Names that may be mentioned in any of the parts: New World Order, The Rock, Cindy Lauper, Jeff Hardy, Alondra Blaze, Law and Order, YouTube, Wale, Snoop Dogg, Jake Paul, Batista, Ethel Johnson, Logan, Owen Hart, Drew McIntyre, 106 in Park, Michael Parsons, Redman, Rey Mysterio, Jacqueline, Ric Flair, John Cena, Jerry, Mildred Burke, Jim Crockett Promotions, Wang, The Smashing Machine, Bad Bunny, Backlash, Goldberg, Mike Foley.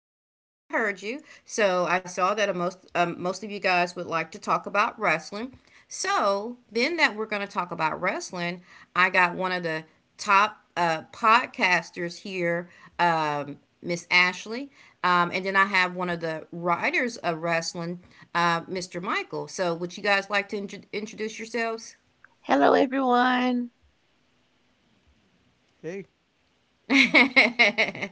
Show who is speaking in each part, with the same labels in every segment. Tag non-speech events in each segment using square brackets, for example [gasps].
Speaker 1: and I heard you. So I saw that most of you guys would like to talk about wrestling. So, being that we're going to talk about wrestling, I got one of the top podcasters here, Miss Ashley, and then I have one of the writers of wrestling, Mr. Michael. So, would you guys like to introduce yourselves?
Speaker 2: Hello, everyone.
Speaker 3: Hey,
Speaker 1: [laughs] Yeah,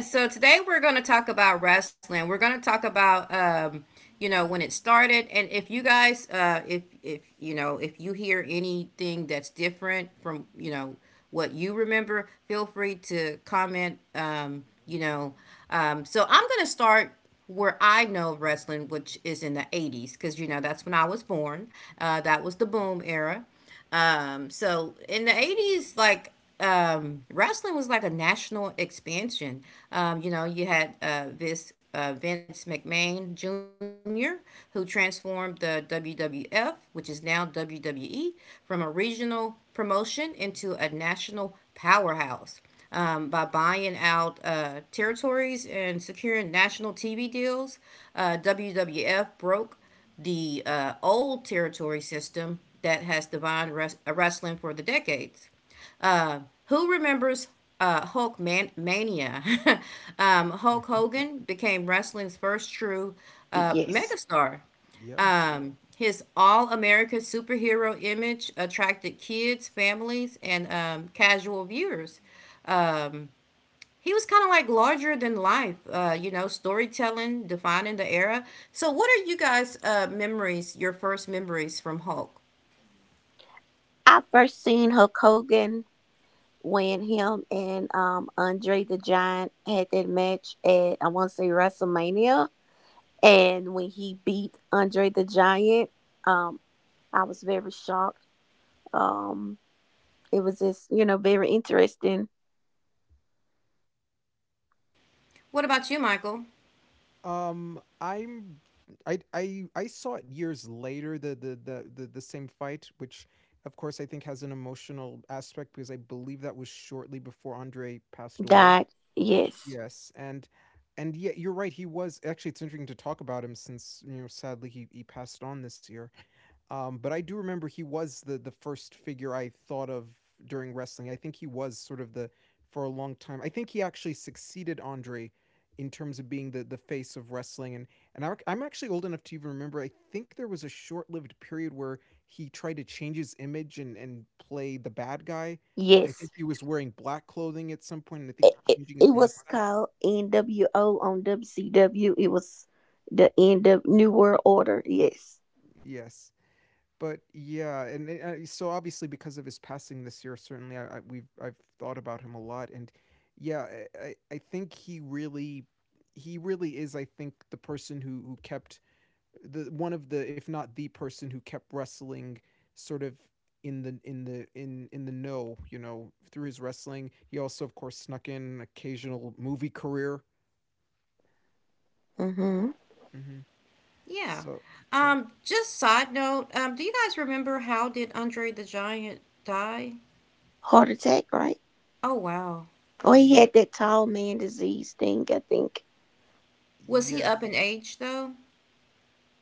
Speaker 1: so today we're going to talk about wrestling. We're going to talk about when it started, and if you guys if you hear anything that's different from, what you remember, feel free to comment. So I'm going to start where I know of wrestling, which is in the 80s, because you know that's when I was born. That was the boom era. So in the 80s, wrestling was like a national expansion. You know, you had this Vince McMahon Jr., who transformed the WWF, which is now WWE, from a regional promotion into a national powerhouse by buying out territories and securing national TV deals. WWF broke the old territory system that has defined wrestling for the decades. Uh, who remembers Mania? [laughs] Hulk
Speaker 3: [laughs]
Speaker 1: Hogan became wrestling's first true
Speaker 2: Yes,
Speaker 1: megastar.
Speaker 3: yes.
Speaker 1: His all american superhero image attracted kids, families, and casual viewers. Um he was kind of like larger than life, storytelling, defining the era. So, what are you guys' memories, your first memories from Hulk?
Speaker 2: I first seen Hulk Hogan when him and Andre the Giant had that match at I want to say WrestleMania, and when he beat Andre the Giant, um, I was very shocked. Um, it was just very interesting
Speaker 1: What about you, Michael?
Speaker 3: I'm I saw it years later the same fight, which of course I think has an emotional aspect because I believe that was shortly before Andre passed away.
Speaker 2: that Yes,
Speaker 3: Yes, and yeah, you're right. He was actually. It's interesting to talk about him since you know sadly he passed on this year. But I do remember he was the first figure I thought of during wrestling. I think he was sort of the for a long time. I think he actually succeeded Andre in terms of being the face of wrestling. I'm actually old enough to even remember. I think there was a short lived period where he tried to change his image and play the bad guy. I think
Speaker 2: yes,
Speaker 3: he was wearing black clothing at some point, and I think
Speaker 2: it, it,
Speaker 3: changing
Speaker 2: it
Speaker 3: his
Speaker 2: was
Speaker 3: mustache.
Speaker 2: called NWO on WCW. It was the end of New World Order. Yes.
Speaker 3: Yes. but yeah, and it- so obviously because of his passing this year, certainly I've thought about him a lot, and yeah, I- think he really is I think the person who kept the one of the if not the person who kept wrestling sort of in the know, you know, through his wrestling. He also of course snuck in an occasional movie career.
Speaker 2: Mm-hmm.
Speaker 3: hmm
Speaker 1: Yeah.
Speaker 3: so yeah
Speaker 1: Just side note, do you guys remember how did Andre the Giant die?
Speaker 2: Heart attack, right?
Speaker 1: Oh, wow.
Speaker 2: Oh, he
Speaker 3: Ye-
Speaker 2: had that tall man disease thing, I think.
Speaker 1: Was he
Speaker 3: yes
Speaker 1: up in age, though?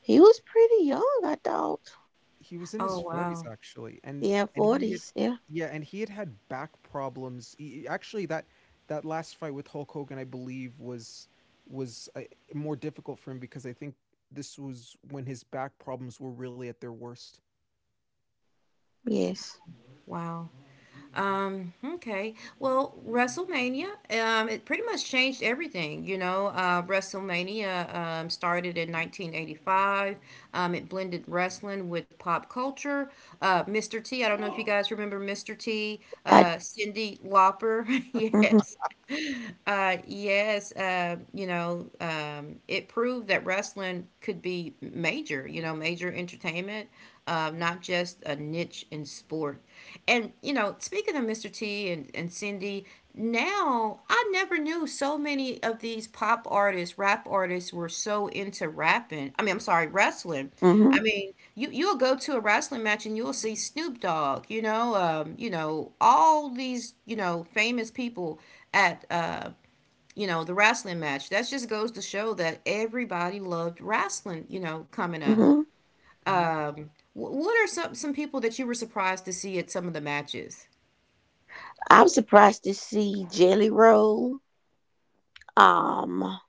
Speaker 2: He was pretty young, I thought.
Speaker 3: He was in
Speaker 1: Oh,
Speaker 3: his
Speaker 1: wow.
Speaker 3: 40s actually,
Speaker 2: Yeah,
Speaker 3: and he had
Speaker 2: 40s. Yeah,
Speaker 3: yeah, and he had had back problems. E e actually, that that last fight with Hulk Hogan, I believe, was more difficult for him because I think this was when his back problems were really at their worst.
Speaker 2: yes.
Speaker 1: Wow. Okay. Well, WrestleMania, it pretty much changed everything. You know, WrestleMania started in 1985. It blended wrestling with pop culture. Mr. T, I don't know if you guys remember Mr. T,
Speaker 2: I,
Speaker 1: Cindy Lauper. [laughs]
Speaker 2: mm-hmm,
Speaker 1: Yes. It proved that wrestling could be major, you know, major entertainment, not just a niche in sport. And, you know, speaking of Mr. T and Cindy, now I never knew so many of these pop artists, rap artists were so into rapping. I mean, I'm sorry, wrestling.
Speaker 2: mm-hmm,
Speaker 1: I mean, you'll go to a wrestling match and you'll see Snoop Dogg, all these, famous people at you know, the wrestling match. That just goes to show that everybody loved wrestling, you know, coming up.
Speaker 2: hmm
Speaker 3: Mhm,
Speaker 1: What are some people that you were surprised to see at some of the matches?
Speaker 2: I was surprised to see Jelly Roll, um,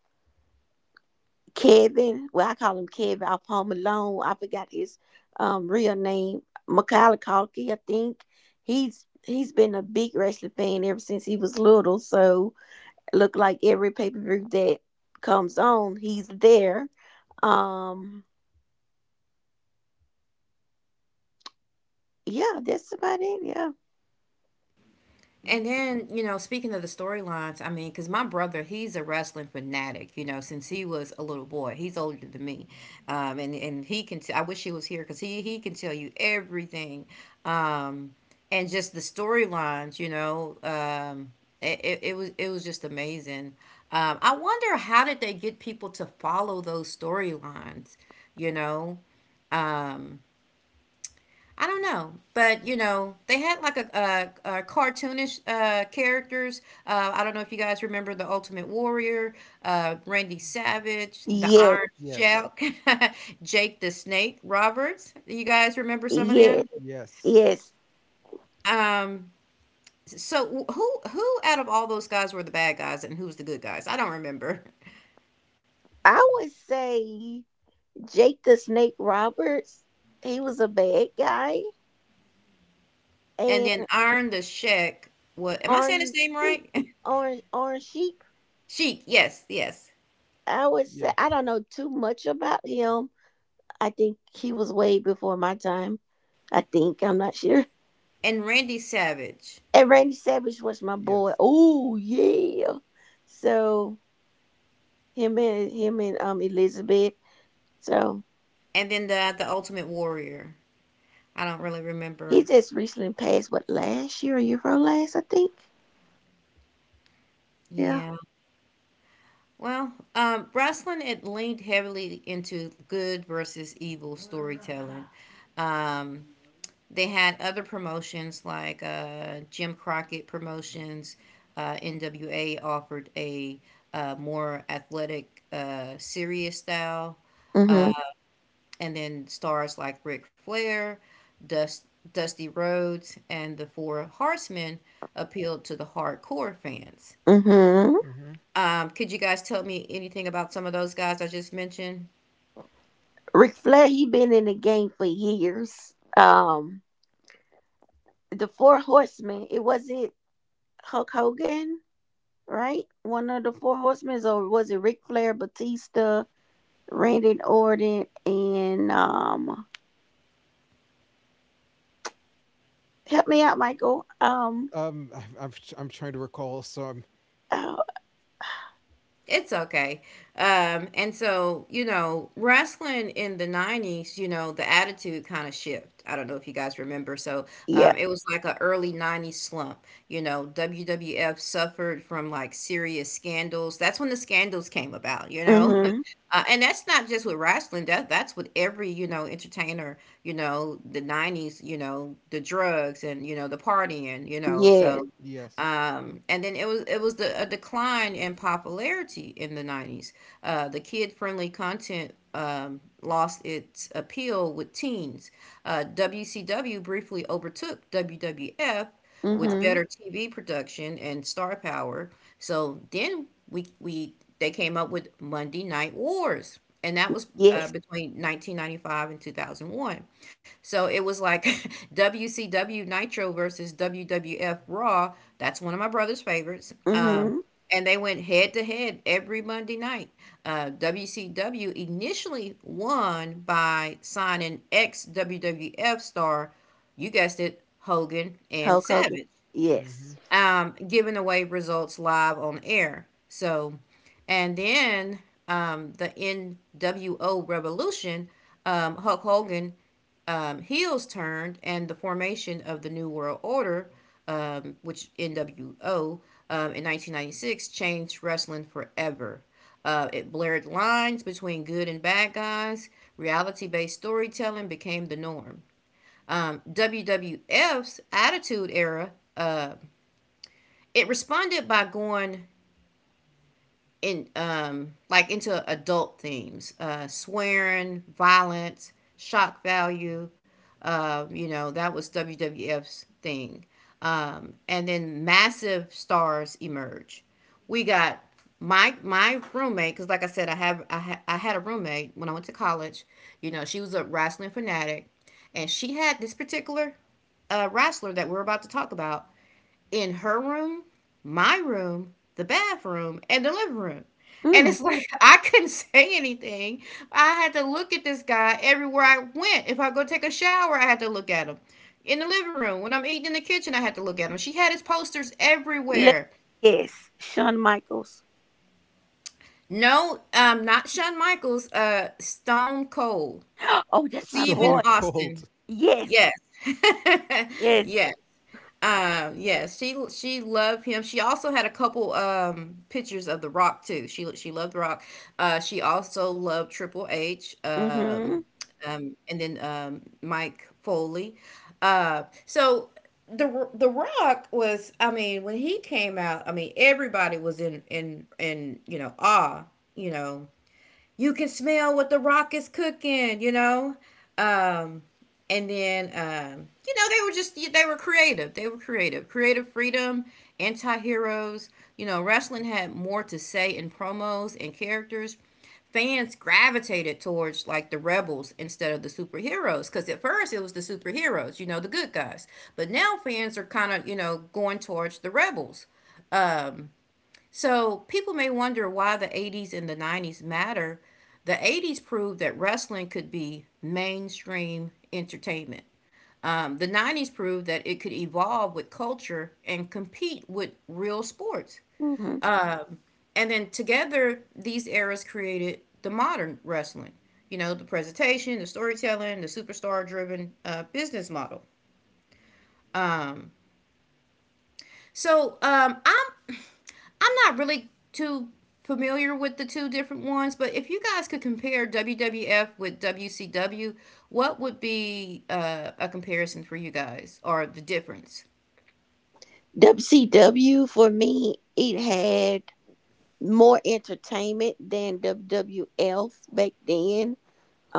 Speaker 2: Kevin. Well, I call him Kevin off Home Alone. I forgot his real name. Macaulay Culkin, I think. He's been a big wrestling fan ever since he was little. So look like every pay per view that comes on, he's there Um, yeah, that's about it. Yeah.
Speaker 1: And
Speaker 3: mm.
Speaker 1: then, you know, speaking of the storylines, I mean, because my brother, he's a wrestling fanatic, you know, since he was a little boy. He's older than me. And I wish he was here because he can tell you everything. Um, and just the storylines, it was just amazing. I wonder how did they get people to follow those storylines, you know? Um, I don't know, but you know, they had like a cartoonish characters. I don't know if you guys remember the Ultimate Warrior, Randy Savage, the
Speaker 2: Yes,
Speaker 1: Iron
Speaker 3: Yes.
Speaker 1: Sheik, [laughs] Jake the Snake Roberts. Do you guys remember some of them?
Speaker 2: yes,
Speaker 3: Yes.
Speaker 2: yes.
Speaker 1: Um, so wh- who out of all those guys were the bad guys and who's the good guys? I don't remember. [laughs]
Speaker 2: I would say Jake the Snake Roberts. He was a bad guy,
Speaker 1: And
Speaker 2: and
Speaker 1: then Iron the Sheik. What am I saying his
Speaker 2: Orange
Speaker 1: name
Speaker 2: Sheep,
Speaker 1: right?
Speaker 2: Orange Sheep.
Speaker 1: [laughs] Sheik. Yes, yes.
Speaker 2: I would say
Speaker 3: Yes.
Speaker 2: I don't know too much about him. I think he was way before my time. I think I'm not sure. [laughs]
Speaker 1: And Randy Savage.
Speaker 2: And Randy Savage was my boy.
Speaker 3: Yes.
Speaker 2: Oh yeah. So him and Elizabeth. So.
Speaker 1: And then the Ultimate Warrior. I don't really
Speaker 2: He
Speaker 1: remember.
Speaker 2: just recently passed, what, last year or year before last, I think? Yeah.
Speaker 1: Yeah. Well, wrestling it leaned heavily into good versus evil storytelling. Um, they had other promotions like Jim Crockett Promotions. NWA offered a more athletic, serious style,
Speaker 2: Mm-hmm.
Speaker 1: and then stars like Ric Flair, Dust, Dusty Rhodes, and the Four Horsemen appealed to the hardcore fans.
Speaker 2: Mm-hmm.
Speaker 3: Mhm.
Speaker 1: Could you guys tell me anything about some of those guys I just mentioned?
Speaker 2: Ric Flair, he been in the game for years. The Four Horsemen, it wasn't Hulk Hogan, right? One of the Four Horsemen, or was it Ric Flair, Batista, Randy Orton, and, help me out, Michael.
Speaker 3: I'm tr I'm trying to recall, so I'm
Speaker 2: Oh,
Speaker 1: It's okay. And so, you know, wrestling in the 90s, you know, the attitude kind of shift. I don't know if you guys remember. So
Speaker 2: yeah.
Speaker 1: it was like a early 90s slump. You know, WWF suffered from like serious scandals. That's when the scandals came about, you know? [laughs]
Speaker 2: Mm-hmm.
Speaker 1: And that's not just with wrestling. That's with every you know entertainer. You know the '90s. You know the drugs and you know the partying. You know
Speaker 2: Yes.
Speaker 1: so.
Speaker 3: yes.
Speaker 1: And then it was a decline in popularity in the 90s. The kid friendly content lost its appeal with teens. WCW briefly overtook WWF with
Speaker 2: Mm-hmm.
Speaker 1: better TV production and star power. So then we they came up with Monday Night Wars, and that was
Speaker 2: Yes.
Speaker 1: between 1995 and 2001. So it was like [laughs] WCW Nitro versus WWF Raw. That's one of my brother's favorites.
Speaker 2: Mm-hmm.
Speaker 1: And they went head to head every Monday night. WCW initially won by signing ex WWF star, you guessed it, Hogan and
Speaker 2: Hulk Hogan.
Speaker 1: Savage
Speaker 3: Mhm.
Speaker 2: Yes.
Speaker 1: um, giving away results live on air. So, and then the NWO Revolution, Hulk Hogan heels turned, and the formation of the New World Order, which NWO in 1996 changed wrestling forever. It blurred lines between good and bad guys. Reality based storytelling became the norm. WWF's Attitude Era it responded by going in into adult themes, swearing, violence, shock value. You know, that was WWF's thing. And then massive stars emerge. We got my roommate because like I said I had a roommate when I went to college. You know she was a wrestling fanatic, and she had this particular wrestler that we're about to talk about in her room, my room, the bathroom, and the living room. And
Speaker 2: Mm.
Speaker 1: it's like [laughs] I couldn't say anything. I had to look at this guy everywhere I went. If I go take a shower, I had to look at him. In the living room, when I'm eating in the kitchen, I had to look at him. She had his posters
Speaker 2: Let,
Speaker 1: everywhere.
Speaker 2: yes, Shawn Michaels.
Speaker 1: No, not Shawn Michaels, Stone Cold,
Speaker 2: [gasps] Oh, that's my
Speaker 1: Stephen
Speaker 2: boy.
Speaker 3: Stone [laughs] Cold.
Speaker 1: Austin.
Speaker 2: Yes,
Speaker 1: Yes. [laughs]
Speaker 2: yes.
Speaker 1: Yes. Yeah, she loved him. She also had a couple pictures of The Rock too. She loved The Rock. She also loved Triple H.
Speaker 2: Mm-hmm.
Speaker 1: And then Mike Foley. So the Rock was. I mean, when he came out, I mean everybody was in you know awe. You know you can smell what the rock is cooking, you know? Um, and then, you know, they were creative. They were creative. Creative freedom, anti heroes. You know, wrestling had more to say in promos and characters. Fans gravitated towards like the rebels instead of the superheroes because at first it was the superheroes, you know, the good guys. But now fans are kind of, you know, going towards the rebels. So people may wonder why the 80s and the 90s matter. The 80s proved that wrestling could be mainstream entertainment. The 90s proved that it could evolve with culture and compete with real sports.
Speaker 2: Mm-hmm.
Speaker 1: And then together, these eras created the modern wrestling. You know, the presentation, the storytelling, the superstar driven business model. So I'm not really too familiar with the two different ones, but if you guys could compare WWF with WCW, what would be a comparison for you guys or the difference?
Speaker 2: WCW for me, it had more entertainment than WWF back then.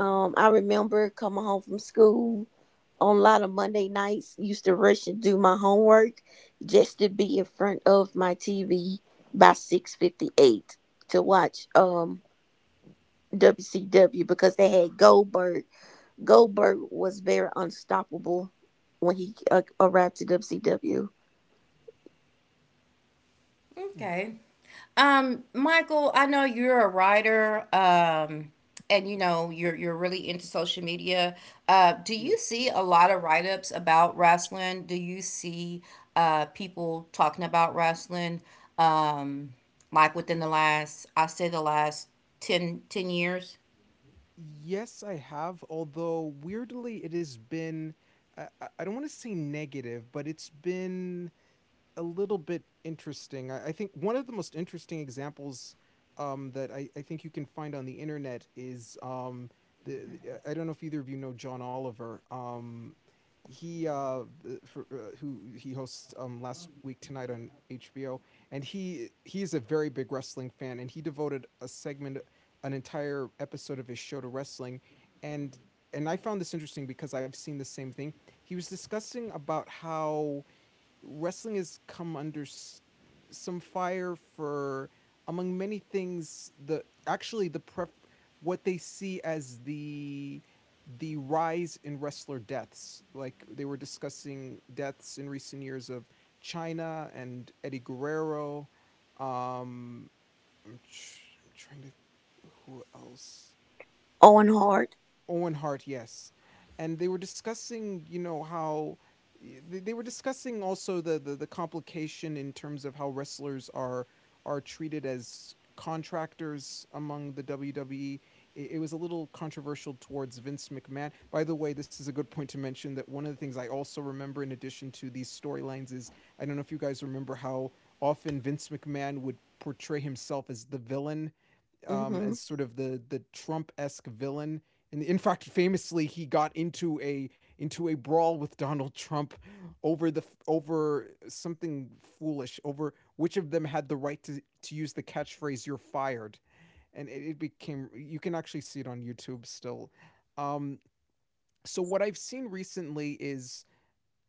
Speaker 2: I remember coming home from school on a lot of Monday nights, used to rush and do my homework just to be in front of my TV by 6:58 to watch WCW because they had Goldberg. Goldberg was very unstoppable when he arrived to WCW.
Speaker 3: Mm,
Speaker 1: Okay. Michael, I know you're a writer, and you know you're really into social media. Do you
Speaker 3: yes.
Speaker 1: see a lot of write ups about wrestling? Do you see people talking about wrestling, um, like within the last I say the last 10 10 years?
Speaker 3: Yes, I have. Although weirdly, it has been, I don't want to say negative, but it's been a little bit interesting. I think one of the most interesting examples I think you can find on the internet is the, I don't know if either of you know John Oliver. He uh, who he hosts last week tonight on HBO, and he is a very big wrestling fan, and he devoted a segment, an entire episode of his show to wrestling, and and I found this interesting because I've seen the same thing. He was discussing about how wrestling has come under some fire for, among many things, the actually what they see as the rise in wrestler deaths. Like they were discussing deaths in recent years of China and Eddie Guerrero. Um I'm, tr- I'm trying to th- who else.
Speaker 2: Owen Hart.
Speaker 3: Owen Hart, yes. And they were discussing, you know, how they were discussing also the complication in terms of how wrestlers are treated as contractors among the WWE. It was a little controversial towards Vince McMahon. By the way, this is a good point to mention that one of the things I also remember in addition to these storylines is I don't know if you guys remember how often Vince McMahon would portray himself as the villain,
Speaker 2: Mm-hmm.
Speaker 3: as sort of the Trump esque villain. And in fact, famously, he got into a brawl with Donald Trump over the over something foolish, over which of them had the right to use the catchphrase "You're fired," and it became. You can actually see it on YouTube still. Um, so what I've seen recently is,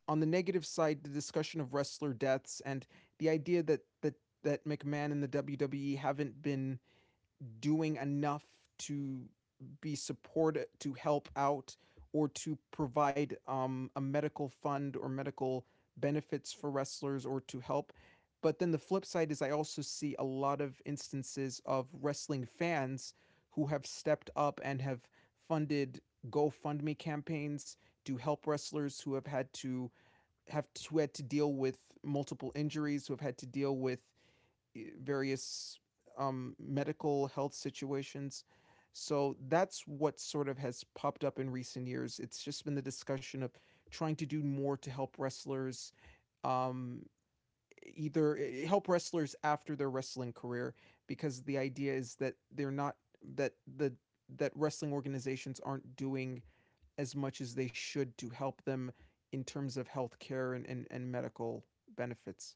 Speaker 3: on the negative side, the discussion of wrestler deaths and the idea that McMahon and the WWE haven't been doing enough to be supported, to help out, or to provide a medical fund or medical benefits for wrestlers or to help. But then the flip side is I also see a lot of instances of wrestling fans who have stepped up and have funded GoFundMe campaigns to help wrestlers who have had to have to, who had to deal with multiple injuries, who have had to deal with various medical health situations. So that's what sort of has popped up in recent years. It's just been the discussion of trying to do more to help wrestlers, um, either help wrestlers after their wrestling career, because the idea is that they're not that the that wrestling organizations aren't doing as much as they should to help them in terms of health care and medical benefits.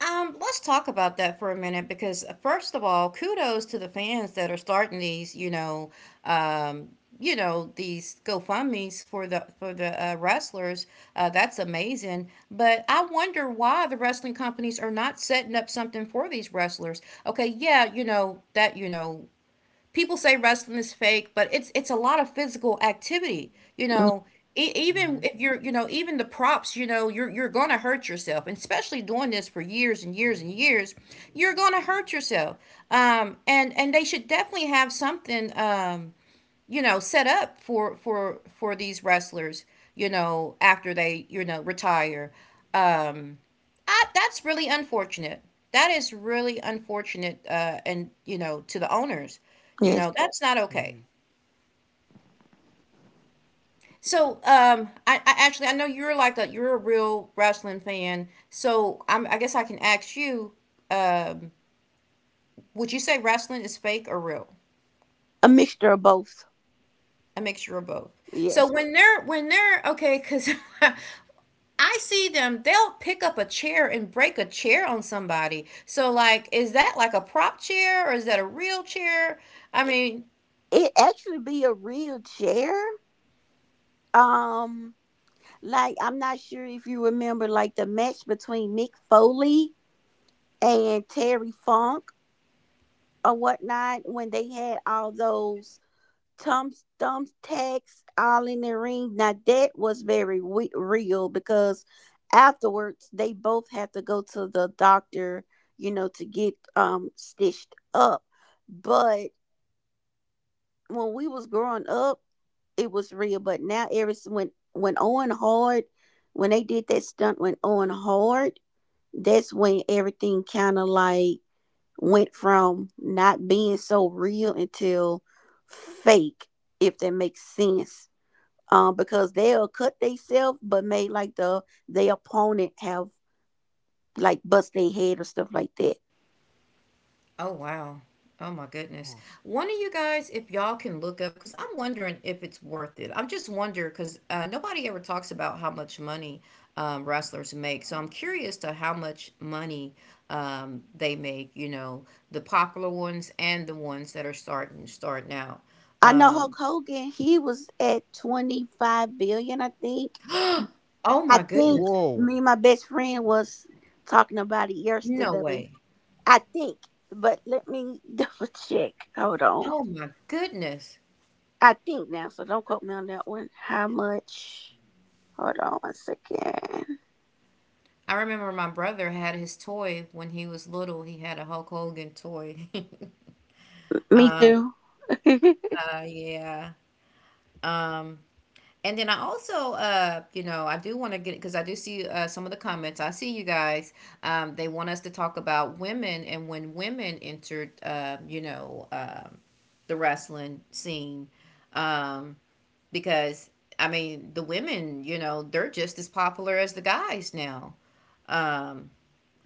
Speaker 1: Let's talk about that for a minute because first of all, kudos to the fans that are starting these, um, these GoFundmes for the wrestlers. That's amazing. But I wonder why the wrestling companies are not setting up something for these wrestlers. Okay, yeah, you know that you know people say wrestling is fake, but it's a lot of physical activity. You
Speaker 2: Mm,
Speaker 1: know,
Speaker 3: Mm-hmm.
Speaker 1: even if you're, you know, even the props, you know, you're gonna hurt yourself, and especially doing this for years and years and years, you're gonna hurt yourself. And they should definitely have something. You know set up for these wrestlers, you know, after they, you know, retire um that's really unfortunate. That is really unfortunate. And, you know, to the owners, you
Speaker 2: yes.
Speaker 1: know, that's not
Speaker 3: Mm-hmm.
Speaker 1: okay. So I actually, I know you're like a, you're a real wrestling fan, so I guess I can ask you, um would you say wrestling is fake or real?
Speaker 2: A mixture of both.
Speaker 1: A mixture of both. So
Speaker 2: Yes.
Speaker 1: when they're okay, because [laughs] I see them, they'll pick up a chair and break a chair on somebody. So, like, is that like a prop chair or is that a real chair? I
Speaker 2: It,
Speaker 1: mean,
Speaker 2: it actually be a real chair. Um, like I'm not sure if you remember like the match between Mick Foley and Terry Funk or whatnot when they had all those Tom's thumbtacks all in the ring. Now that was very real because afterwards they both had to go to the doctor, to get stitched up. But when we was growing up, it was real. But now when Owen Hard, when they did that stunt when Owen Hard, that's when everything kind of like went from not being so real until fake, if that makes sense because they'll cut themselves, but may like their opponent have like bust their head or stuff like that.
Speaker 1: oh, wow. Oh, my goodness.
Speaker 3: Wow.
Speaker 1: One of you guys, if y'all can look up, because I'm wondering if it's worth it. I'm just wondering, because nobody ever talks about how much money, wrestlers make. So, I'm curious to how much money they make, you know, the popular ones and the ones that are starting out.
Speaker 2: I know
Speaker 1: Um,
Speaker 2: Hulk Hogan, he was at 25 billion, I think.
Speaker 1: [gasps] oh,
Speaker 2: I
Speaker 1: my
Speaker 2: think
Speaker 1: goodness.
Speaker 2: me
Speaker 3: Whoa.
Speaker 2: and my best friend was talking about it
Speaker 1: No
Speaker 2: yesterday.
Speaker 1: way.
Speaker 2: I think, but let me [laughs] double check. Hold on.
Speaker 1: Oh my goodness.
Speaker 2: I think now, so don't quote me on that one. How much? Hold on one second.
Speaker 1: I remember my brother had his toy when he was little. He had a Hulk Hogan toy. [laughs]
Speaker 2: Me too.
Speaker 1: Yeah. Um, and then I also, you know, I do want to get because I do see some of the comments. I see you guys. They want us to talk about women and when women entered, you know, the wrestling scene, um, because the women, you know, they're just as popular as the guys now. Um.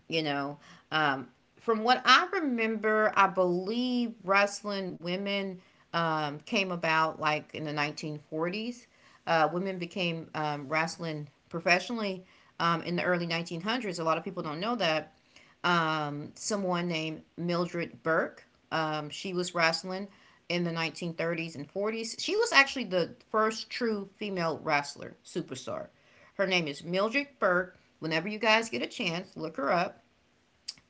Speaker 1: you know um, from what I remember, I believe wrestling women came about like in the 1940s. Women became wrestling professionally in the early 1900s. A lot of people don't know that. Someone named Mildred Burke, she was wrestling in the 1930s and 40s. She was actually the first true female wrestler superstar. Her name is Mildred Burke. Whenever you guys get a chance, look her up.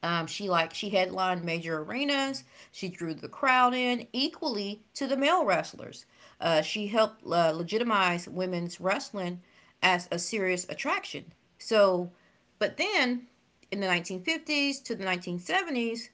Speaker 1: She headlined major arenas. She drew the crowd in equally to the male wrestlers. She helped legitimize women's wrestling as a serious attraction. So, but then in the 1950s to the 1970s,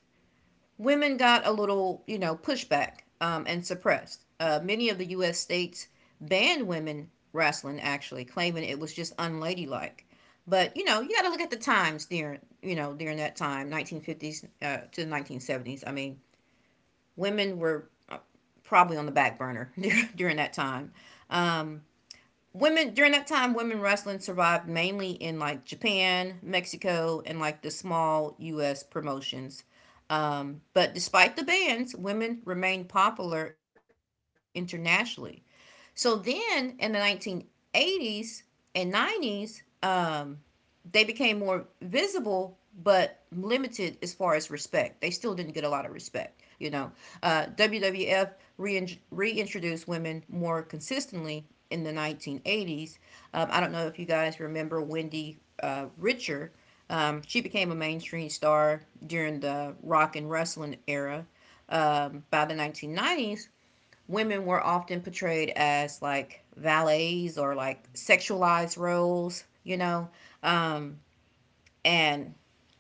Speaker 1: women got a little, you know, pushback and suppressed. Many of the U.S. states banned women wrestling, actually, claiming it was just unladylike. But you know, you got to look at the times during, you know, during that time, 1950s to the 1970s. Women were probably on the back burner [laughs] during that time. Women during that time, women wrestling survived mainly in like Japan, Mexico, and like the small U.S. promotions. But despite the bans, women remained popular internationally. So then in the 1980s and 90s, they became more visible but limited as far as respect. They still didn't get a lot of respect, you know. WWF reintroduced women more consistently in the 1980s. I don't know if you guys remember Wendy Richer. She became a mainstream star during the rock and wrestling era. By the 1990s, women were often portrayed as like valets or like sexualized roles, you know, and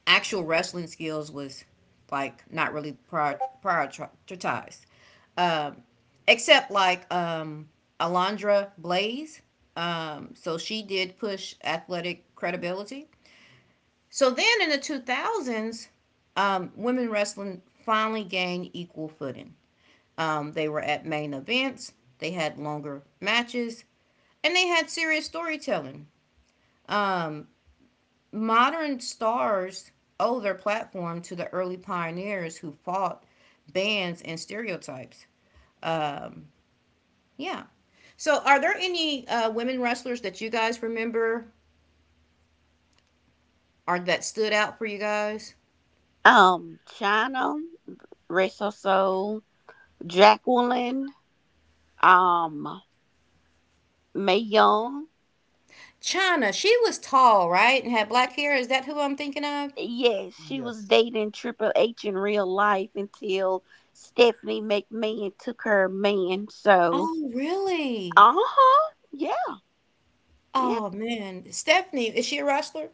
Speaker 1: actual wrestling skills was like not really prioritized except like Alondra Blaze. So she did push athletic credibility. So then in the 2000s, women wrestling finally gained equal footing. They were at main events, they had longer matches, and they had serious storytelling. Modern stars owe their platform to the early pioneers who fought bans and stereotypes. Yeah. So, are there any women wrestlers that you guys remember or that stood out for you guys?
Speaker 2: [laughs] China, Reso Soul, Jacqueline, um, May Young.
Speaker 1: China, she was tall, right? And had black hair. Is that who I'm thinking of?
Speaker 2: Yes, she was
Speaker 3: Yes.
Speaker 2: dating Triple H in real life until Stephanie McMahon took her man. So,
Speaker 1: Oh, really?
Speaker 2: uh huh. Yeah, yeah.
Speaker 1: Oh, man. Stephanie, is she a wrestler?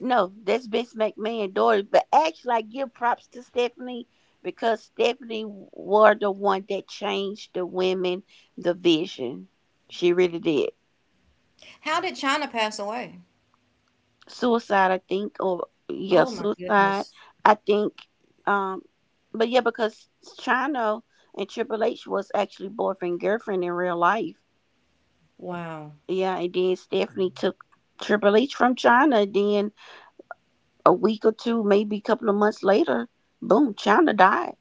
Speaker 2: No, that's Vince McMahon's daughter. But actually, I give props to Stephanie because Stephanie were the one that changed the women, the vision. She really did.
Speaker 1: How did China pass away?
Speaker 2: Suicide, I think, or yeah,
Speaker 1: Oh, my
Speaker 2: suicide.
Speaker 1: goodness.
Speaker 2: I think. Um, but yeah, because China and Triple H was actually boyfriend girlfriend in real life.
Speaker 1: Wow.
Speaker 2: Yeah, and then Stephanie
Speaker 3: Mhm.
Speaker 2: took Triple H from China. Then a week or two, maybe a couple of months later, boom, China died.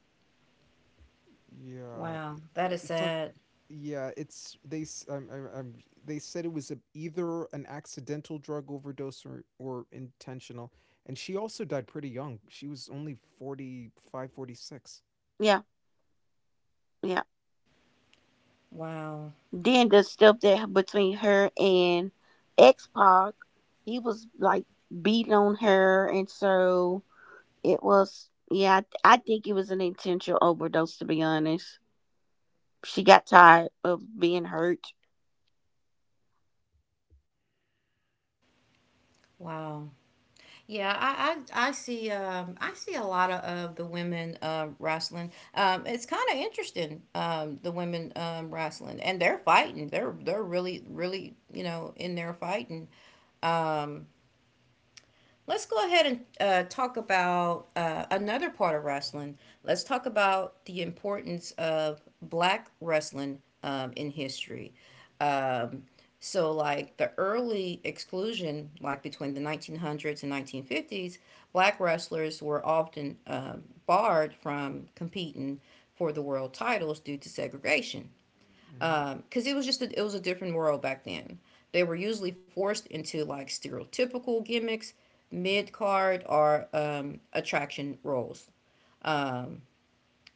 Speaker 3: Yeah.
Speaker 1: Wow. That is
Speaker 3: Some
Speaker 1: sad.
Speaker 3: yeah, it's they s- I'm they said it was either an accidental drug overdose or intentional. And she also died pretty young. She was only 45, 46.
Speaker 2: Yeah, yeah.
Speaker 1: Wow.
Speaker 2: Then the stuff that between her and X Pac, he was like beating on her, and so it was. Yeah, I think it was an intentional overdose. To be honest, she got tired of being hurt.
Speaker 1: Wow. Yeah, I see a lot of the women wrestling. It's kind of interesting the women wrestling and they're fighting. They're really really, you know, in there fighting. Let's go ahead and talk about another part of wrestling. Let's talk about the importance of black wrestling in history. Um, so, like the early exclusion, like between the 1900s and 1950s, black wrestlers were often barred from competing for the world titles due to segregation,
Speaker 3: Mhm,
Speaker 1: because it was just a, it was a different world back then. They were usually forced into like stereotypical gimmicks, mid card or attraction roles.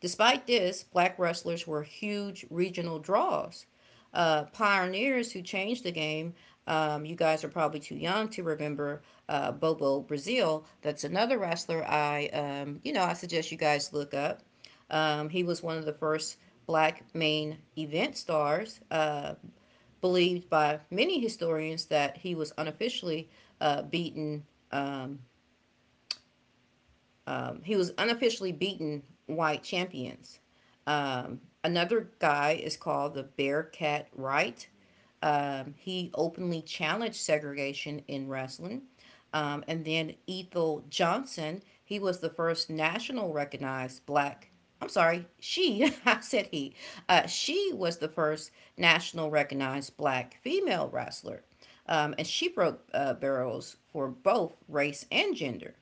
Speaker 1: Despite this, black wrestlers were huge regional draws. Pioneers who changed the game. You guys are probably too young to remember Bobo Brazil. That's another wrestler. I You know, I suggest you guys look up. He was one of the first black main event stars. Believed by many historians that he was unofficially beaten. Um, he was unofficially beaten white champions. Another guy is called the Bearcat Wright. He openly challenged segregation in wrestling. And then Ethel Johnson, he was the first national recognized black. I'm sorry, she, [laughs] I said he. She was the first national recognized black female wrestler. And she broke barrels for both race and gender.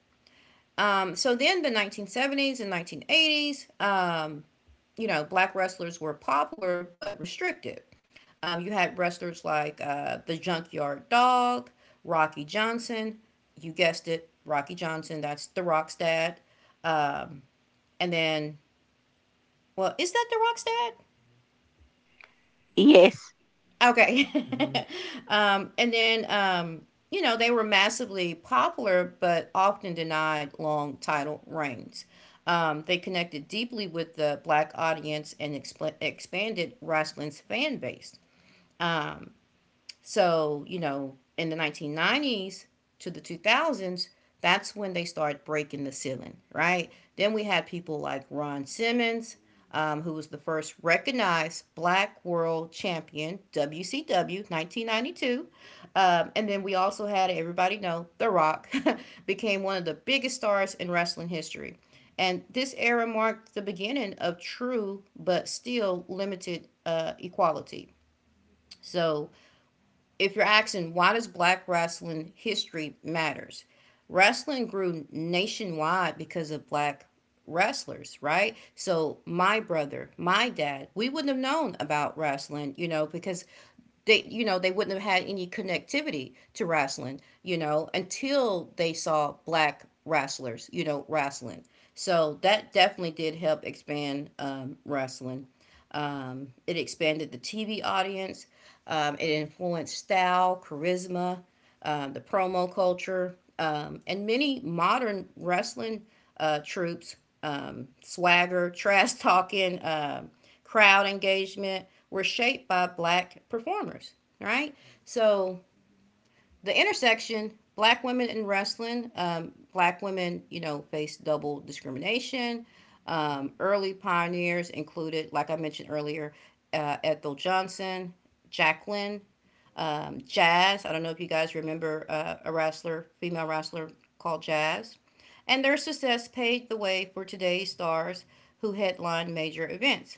Speaker 1: So then the 1970s and 1980s, you know, black wrestlers were popular but restricted. You had wrestlers like the Junkyard Dog, Rocky Johnson. You guessed it, Rocky Johnson. That's The Rock's dad. Um, and then, well, is that The Rock's dad?
Speaker 2: Yes,
Speaker 1: Okay.
Speaker 3: mhm.
Speaker 1: [laughs] And then, you know, they were massively popular, but often denied long title reigns. They connected deeply with the black audience and expanded wrestling's fan base. So, you know, in the 1990s to the 2000s, that's when they start breaking the ceiling, right? Then we had people like Ron Simmons, who was the first recognized black world champion, WCW 1992. And then we also had, everybody know, The Rock [laughs] became one of the biggest stars in wrestling history. And this era marked the beginning of true but still limited equality. So if you're asking why does black wrestling history matters, wrestling grew nationwide because of black wrestlers, right? So my brother, my dad, we wouldn't have known about wrestling, you know, because they, you know, they wouldn't have had any connectivity to wrestling, you know, until they saw black wrestlers, you know, wrestling. So that definitely did help expand wrestling. It expanded the TV audience. It influenced style, charisma, the promo culture, and many modern wrestling troops, swagger, [laughs] trash talking, crowd engagement were shaped by black performers, right? So the intersection black women in wrestling, black women, you know, face double discrimination. Early pioneers included, like I mentioned earlier, Ethel Johnson, Jacqueline, jazz. I don't know if you guys remember a wrestler female wrestler called jazz. And their success paved the way for today's stars who headline major events.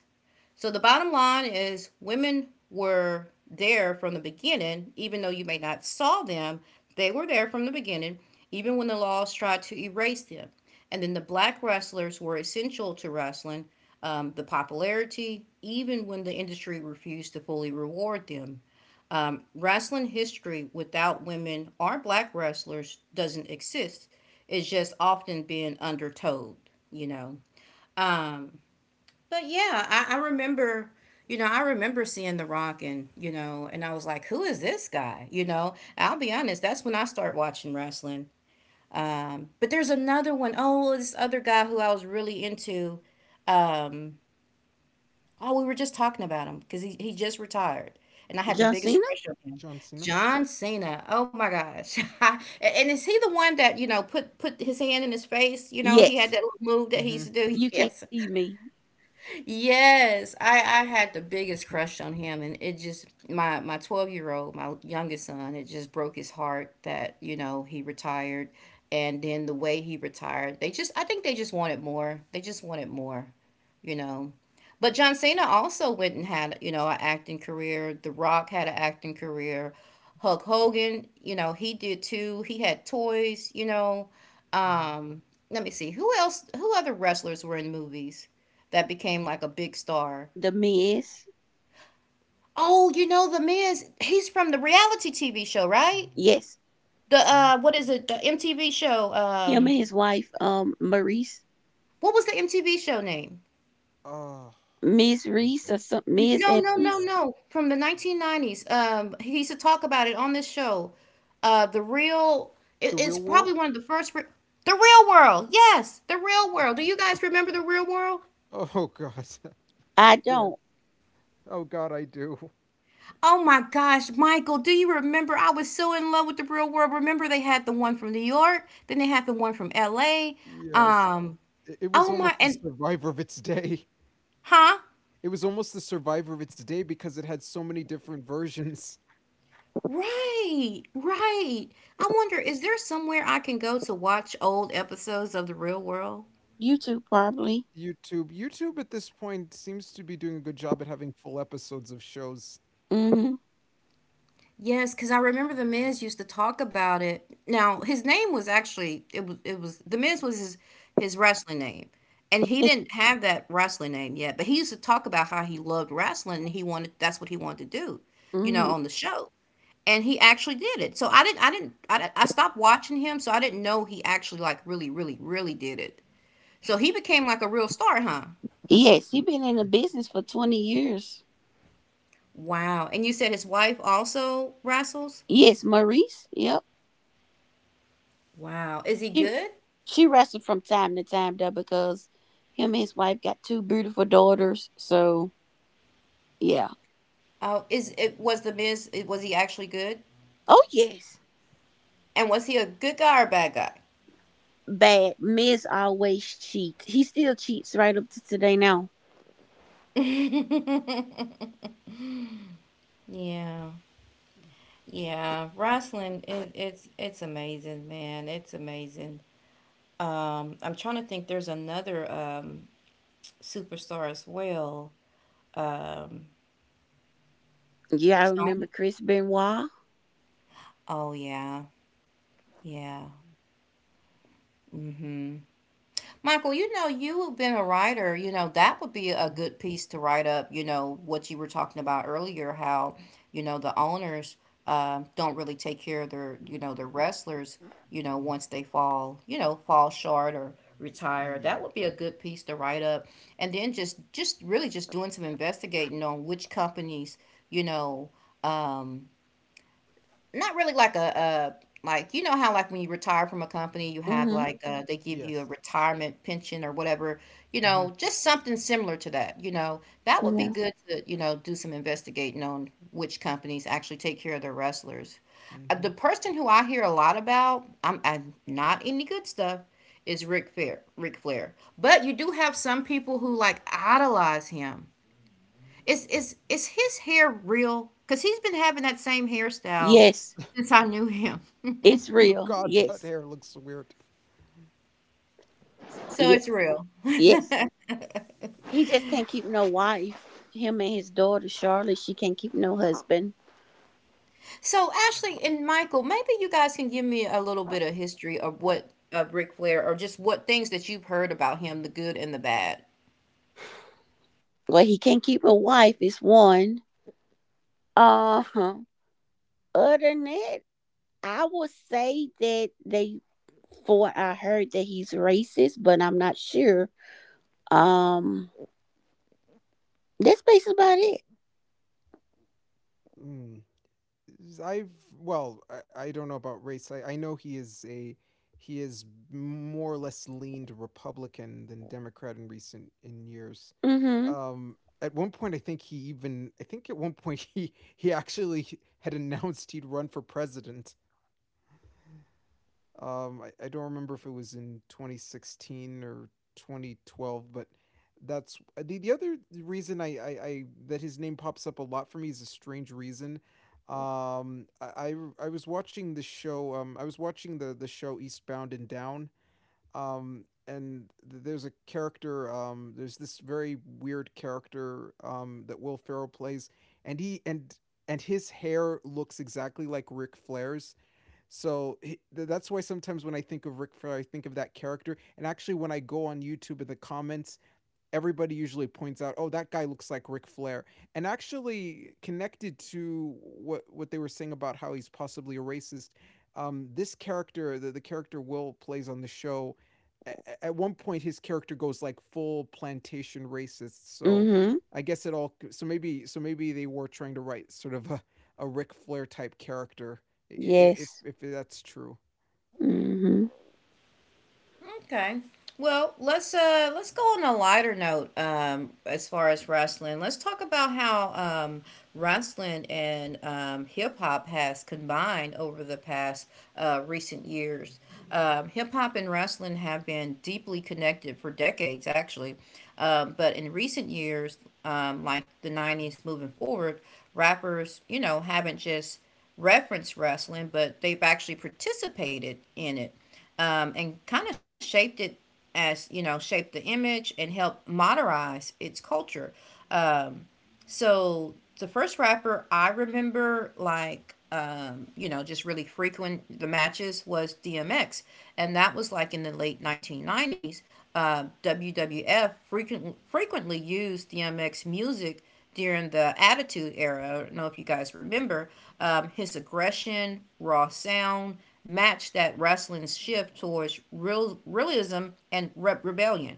Speaker 1: So the bottom line is, women were there from the beginning, even though you may not saw them, they were there from the beginning, even when the laws tried to erase them. And then the black wrestlers were essential to wrestling, the popularity, even when the industry refused to fully reward them. Wrestling history without women or black wrestlers doesn't exist. It's just often being undertold, you know. Um, but yeah, I remember, you know, I remember seeing The Rock, and, you know, and I was like, who is this guy? You know, I'll be honest, that's when I start watching wrestling. But there's another one. Oh, this other guy who I was really into. Um, oh, we were just talking about him because he just retired. And I had the
Speaker 2: John
Speaker 1: biggest
Speaker 2: Cena.
Speaker 1: crush on him,
Speaker 3: John Cena?
Speaker 1: John Cena. Oh my gosh! [laughs] And is he the one that, you know, put put his hand in his face? You know, he had
Speaker 2: Yes,
Speaker 1: that little move that he used
Speaker 3: Mhm.
Speaker 1: to do. [laughs]
Speaker 2: you can't
Speaker 1: Yes,
Speaker 2: see me.
Speaker 1: Yes, I had the biggest crush on him, and it just my 12 year old, my youngest son, it just broke his heart that you know he retired, and then the way he retired, they just I think they just wanted more. They just wanted more, you know. But
Speaker 3: Mm,
Speaker 1: John Cena also went and had, you know, an acting career. The Rock had an acting career. Hulk Hogan, you know, he did too. He had toys, you know. Um, Let me see. Who other wrestlers were in movies that became like a big star?
Speaker 2: The Miz.
Speaker 1: Oh, you know the man's he's from the reality TV show, right?
Speaker 3: mhm,
Speaker 2: Yes,
Speaker 1: The
Speaker 3: mhm,
Speaker 1: what is it? The MTV show.
Speaker 2: him and his wife, Maurice.
Speaker 1: What was the MTV show name?
Speaker 3: Oh,
Speaker 2: Miss Reese
Speaker 3: losing
Speaker 2: or something, Miss
Speaker 1: No,
Speaker 2: and
Speaker 1: no, no, no. From the 1990s. He used to talk about it on this show. The real.
Speaker 3: The
Speaker 1: It's
Speaker 3: real world?
Speaker 1: probably one of the first. The Real World. Yes, The Real
Speaker 3: Oh,
Speaker 1: World. Do you guys remember The Real World?
Speaker 3: oh god. [laughs]
Speaker 2: I
Speaker 3: Yes.
Speaker 2: don't.
Speaker 3: Oh god, I do.
Speaker 1: Oh my gosh, Michael, do you remember? I was so in love with The Real World. Remember they had the one from New York, then they had the one from LA.
Speaker 3: Yes.
Speaker 1: Um,
Speaker 3: It was
Speaker 1: Oh my,
Speaker 3: almost the
Speaker 1: and
Speaker 3: survivor of its day.
Speaker 1: huh?
Speaker 3: It was almost the survivor of its day because it had so many different versions.
Speaker 1: Right, right. I wonder, is there somewhere I can go to watch old episodes of The Real World?
Speaker 2: You too, probably.
Speaker 3: YouTube at this point seems to be doing a good job at having full episodes of shows.
Speaker 2: Mm-hmm.
Speaker 1: Yes, because I remember the Miz used to talk about it. Now his name was actually it was the Miz was his wrestling name, and he
Speaker 2: It's,
Speaker 1: didn't have that wrestling name yet. But he used to talk about how he loved wrestling and he wanted that's what he wanted to do, you know,
Speaker 2: hmm
Speaker 1: on the show. And he actually did it. So I didn't I didn't I didn't, I stopped watching him, so I didn't know he actually like really really really did it. So he became like a real star, huh?
Speaker 2: Yes, she been in the
Speaker 3: Mhm,
Speaker 2: business for 20 years.
Speaker 1: Wow. And you said his wife also wrestles.
Speaker 2: Yes, Maurice. Yep.
Speaker 1: Wow. Is he
Speaker 2: She,
Speaker 1: good?
Speaker 2: she wrestled from time to time, though, because him and his wife got two beautiful daughters. So, yeah.
Speaker 1: Oh, is it was the Miz? Was he actually good?
Speaker 2: Oh, yes.
Speaker 1: And was he a good guy or a bad guy?
Speaker 2: Bad. Miz always cheats. He still cheats right up to today now.
Speaker 1: Yeah, yeah. Wrestling, it's amazing, man. It's amazing. I'm trying to think. There's another superstar as well. Um,
Speaker 2: Yeah, I remember
Speaker 1: Stone.
Speaker 2: Chris Benoit.
Speaker 1: Oh yeah, yeah. Mm-hmm. Michael, you know, you've been a writer, you know, that would be a
Speaker 3: mhm, mhm,
Speaker 1: good piece to write up, you know, what you were talking about earlier, how, you know, the owners don't really take care of their, you know, their wrestlers, you know,
Speaker 3: mhm.
Speaker 1: once they fall, you know, fall short or retire.
Speaker 3: Ye
Speaker 1: That would be a good piece to write up. And then just really just doing some investigating on which companies, you know, um not really like a like you know how like when you retire from a company you have
Speaker 2: Mm-hmm.
Speaker 1: like they give you
Speaker 3: yes.
Speaker 1: a retirement pension or whatever, you know,
Speaker 3: Mhm.
Speaker 1: just something similar to that, you know, that would be
Speaker 2: Yeah.
Speaker 3: Yes.
Speaker 1: good to you know do some investigating on which companies actually take care of their wrestlers. The
Speaker 3: Mhm.
Speaker 1: person who I hear a lot about I'm not any good stuff is Rick Flair, Rick Flair. But you do have some people who like idolize him. Is his hair real? Because he's been having that same hairstyle
Speaker 2: Yes.
Speaker 1: since I knew him. [laughs]
Speaker 2: It's
Speaker 3: [laughs]
Speaker 2: real.
Speaker 3: God, that hair
Speaker 2: Yes.
Speaker 3: looks weird.
Speaker 1: So it's
Speaker 2: Yes.
Speaker 1: real.
Speaker 2: Yes.
Speaker 1: [laughs]
Speaker 2: He just can't keep no wife. Him and his daughter Charlotte, she can't keep no husband.
Speaker 1: So Ashley and Michael, maybe you guys can give me a little bit of history of what of Ric Flair or just what things that you've heard about him, the good and the bad.
Speaker 2: Well, he can't keep a wife. It's one. Uh huh. Other than that, I would say that they. For I heard that he's racist, but I'm not sure. Um, that's basically about it.
Speaker 3: Mm. I've I don't know about race. I know he is a he is more or less leaned Republican than Democrat in recent in years.
Speaker 2: Mm-hmm.
Speaker 3: At one point, I think he even I think at one point [laughs] he actually had announced he'd run for president. I don't remember if it was in 2016 or 2012, but that's the other reason I that his name pops up a lot for me is a strange reason. I was watching the show. I was watching the show Eastbound and Down. And there's a character. There's this very weird character, that Will Ferrell plays, and he and his hair looks exactly like Ric Flair's. So that's why sometimes when I think of Ric Flair, I think of that character. And actually, when I go on YouTube in the comments, everybody usually points out, "Oh, that guy looks like Ric Flair." And actually, connected to what they were saying about how he's possibly a racist, the character Will plays on the show, a- at one point his character goes like full plantation racist. So
Speaker 2: Mm-hmm.
Speaker 3: I guess it all. So maybe they were trying to write sort of a Ric Flair type character, if
Speaker 2: Yes.
Speaker 3: if that's true.
Speaker 2: Mm-hmm.
Speaker 1: Okay. Well, let's go on a lighter note as far as wrestling. Let's talk about how wrestling and hip hop has combined over the past recent years. Hip hop and wrestling have been deeply connected for decades actually. But in recent years like the 90s moving forward, rappers, you know, haven't just reference wrestling, but they've actually participated in it, and kind of shaped it as you know shaped the image and helped modernize its culture. So the first rapper I remember, like, you know, just really frequent the matches was DMX, and that was like in the late 1990s. WWF frequently used DMX music during the Attitude Era. I don't know if you guys remember his aggression, raw sound matched that wrestling's shift towards realism and rebellion.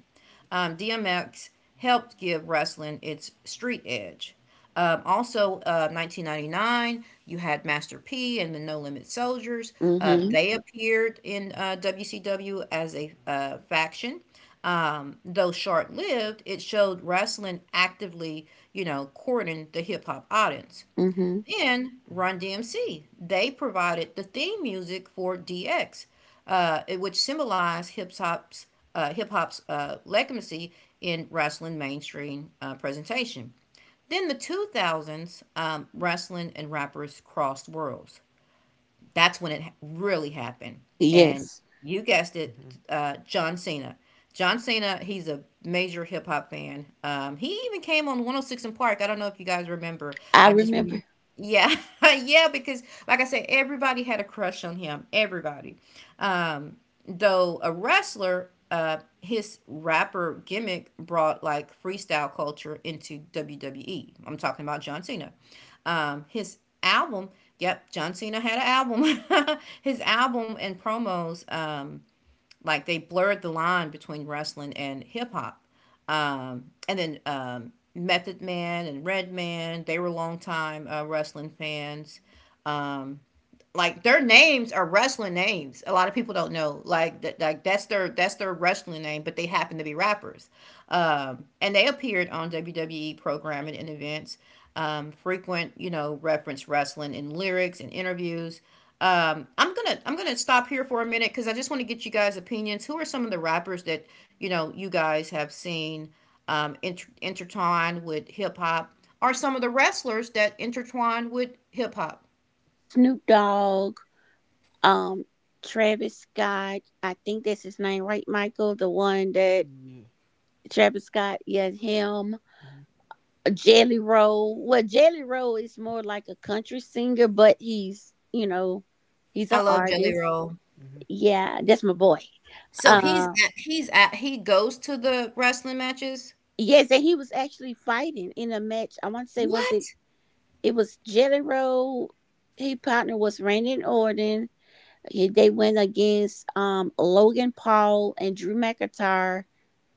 Speaker 1: DMX helped give wrestling its street edge. Also, 1999, you had Master P and the No Limit Soldiers.
Speaker 2: Mm-hmm.
Speaker 1: They appeared in WCW as a faction. Though short lived, it showed wrestling actively, you know, courting the hip hop audience.
Speaker 2: Mm-hmm.
Speaker 1: And
Speaker 3: 嗯嗯，
Speaker 1: Run DMC, they provided the theme music for DX, which symbolized hip hop's legitimacy in wrestling mainstream presentation. Then the 2000s, wrestling and rappers crossed worlds. That's when really happened. And
Speaker 2: Yes.
Speaker 1: you guessed
Speaker 3: 嗯
Speaker 1: it,
Speaker 3: 哼，
Speaker 1: John Cena. John Cena, he's a major hip hop fan. He even came on 106 in Park. I don't know if you guys remember.
Speaker 2: I
Speaker 1: I just remember.
Speaker 2: remember
Speaker 1: Yeah, [laughs] yeah, because like I said, everybody had a crush on him. Everybody. Um, though a wrestler, his rapper gimmick brought like freestyle culture into WWE. I'm talking about John Cena. His album, yep, John Cena had an album. [laughs] His album and promos, like they blurred the line between wrestling and hip hop. And then Method Man and Redman, they were longtime wrestling fans. Um, like their names are wrestling names. A lot of people don't know. Like that's their wrestling name, but they happen to be rappers. And they appeared on WWE programming and events, you know, reference wrestling in lyrics and interviews. Um, I'm gonna stop here for a minute because I just want to get you guys' opinions. Who are some of the rappers that you know you guys have seen intertwined with hip hop? Are some of the wrestlers that intertwine with hip hop?
Speaker 2: Snoop Dogg Um, Travis Scott, I think that's his name, right, Michael? The one that
Speaker 3: 也
Speaker 2: Travis Scott, yeah, him.
Speaker 3: 嗯哼，
Speaker 2: Jelly Roll. Well, Jelly Roll is more like a country singer, but he's
Speaker 1: I
Speaker 2: an
Speaker 1: love Jelly
Speaker 2: artist.
Speaker 1: Roll.
Speaker 3: 嗯哼，
Speaker 2: Yeah, that's my boy.
Speaker 1: So
Speaker 3: 哈哈
Speaker 1: he's
Speaker 2: Uh,
Speaker 1: at he's at he goes to the wrestling matches?
Speaker 2: yes, and he was actually fighting in a match. I want to say, was it?
Speaker 1: What?
Speaker 2: It was Jelly Roll. His partner was Randy Orton. They went against Logan Paul and Drew McIntyre.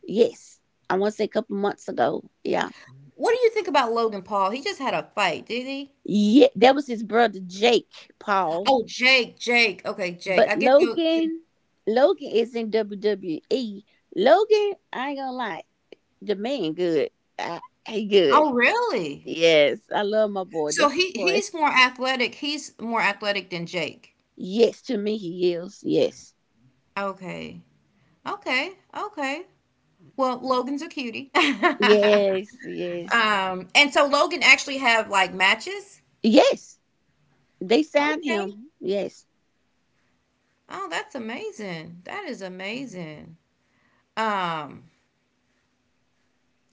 Speaker 2: Yes, I want to say a couple months ago. Yeah,
Speaker 3: 嗯
Speaker 1: What do you think about Logan Paul? He just had a fight, did he?
Speaker 2: yeah, that was his brother Jake Paul.
Speaker 1: Oh, Jake, Jake. Okay, Jake.
Speaker 2: But
Speaker 1: I get the.
Speaker 2: Logan, Logan is in WWE. Logan, I ain't gonna lie, the man good. I, he good.
Speaker 1: Oh, really?
Speaker 2: Yes, I love my boy.
Speaker 1: So
Speaker 2: That
Speaker 1: he
Speaker 2: boy.
Speaker 1: he's more athletic. He's more athletic than Jake.
Speaker 2: Yes, to me he is. Yes,
Speaker 1: Okay. Okay. Okay.
Speaker 3: 嗯
Speaker 1: Well, Logan's a cutie. [laughs]
Speaker 2: yes, yes,
Speaker 1: And so Logan actually have like matches?
Speaker 2: yes. They signed
Speaker 1: Okay.
Speaker 2: him. Yes.
Speaker 1: Oh, that's amazing. That is
Speaker 3: 嗯哼，
Speaker 1: amazing. Um,
Speaker 3: 嗯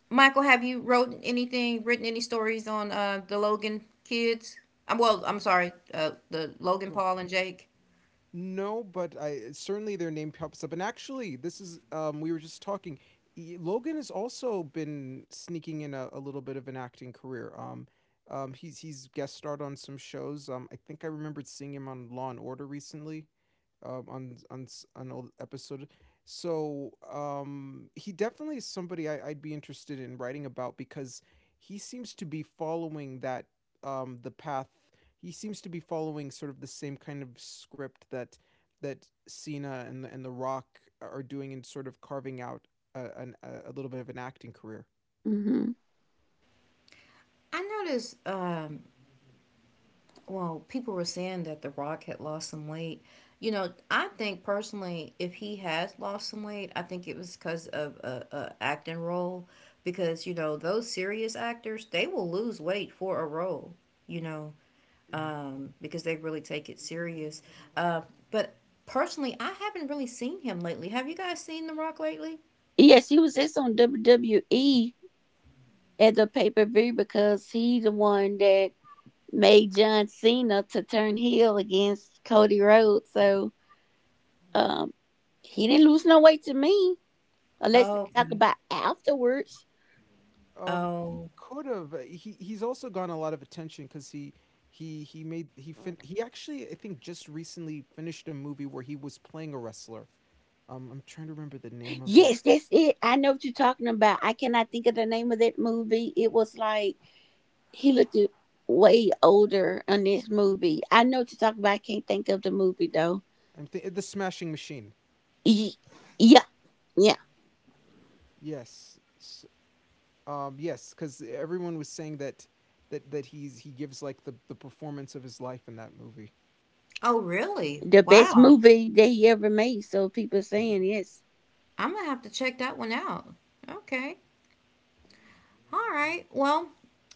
Speaker 1: Michael, have you wrote anything, written any stories on the Logan kids? Well, I'm sorry, the Logan
Speaker 3: 不。嗯
Speaker 1: Paul and Jake.
Speaker 3: No, but I certainly their name pops up. And actually, this is we were just talking. Logan has also been sneaking in a little bit of an acting career. He's guest starred on some shows. I think I remembered seeing him on Law and Order recently, on an old episode. He definitely is somebody I'd be interested in writing about because he seems to be following that the path he seems to be following sort of the same kind of script that Cena and The Rock are doing, in sort of carving out a little bit of an acting career.
Speaker 2: hmm
Speaker 1: I noticed, well, people were saying that The Rock had lost some weight. You know, I think personally, if he has lost some weight, I think it was because of a acting role. Because you know, those serious actors, they will lose weight for a role. You know,
Speaker 3: Mm-hmm.
Speaker 1: because they really take it serious. Uh, but personally, I haven't really seen him lately. Have you guys seen The Rock lately?
Speaker 2: Yes, he was just on WWE at the pay per view because he the one that made John Cena to turn heel against Cody Rhodes. So um he didn't lose no weight to me. Unless
Speaker 1: Oh,
Speaker 2: they talk
Speaker 3: Mm.
Speaker 1: okay.
Speaker 2: about afterwards.
Speaker 3: He
Speaker 1: Oh,
Speaker 3: could have. He's also gotten a lot of attention because he made he fin he actually I think just recently finished a movie where he was playing a wrestler. I'm trying to remember the name of it.
Speaker 2: Yes, that's it. I know what you're talking about. I cannot think of the name of that movie. It was like he looked way older on this movie. I know what you're talking about. I can't think of the movie though.
Speaker 3: I'm th The Smashing Machine.
Speaker 2: Ye- Yeah, yeah.
Speaker 3: Yes. S yes, because everyone was saying that he gives like the performance of his life in that movie.
Speaker 1: oh, really?
Speaker 2: The best
Speaker 1: Wow.
Speaker 2: movie that he ever made. So people are saying yes.
Speaker 1: I'm gonna have to check that one out. Okay. All right. Well,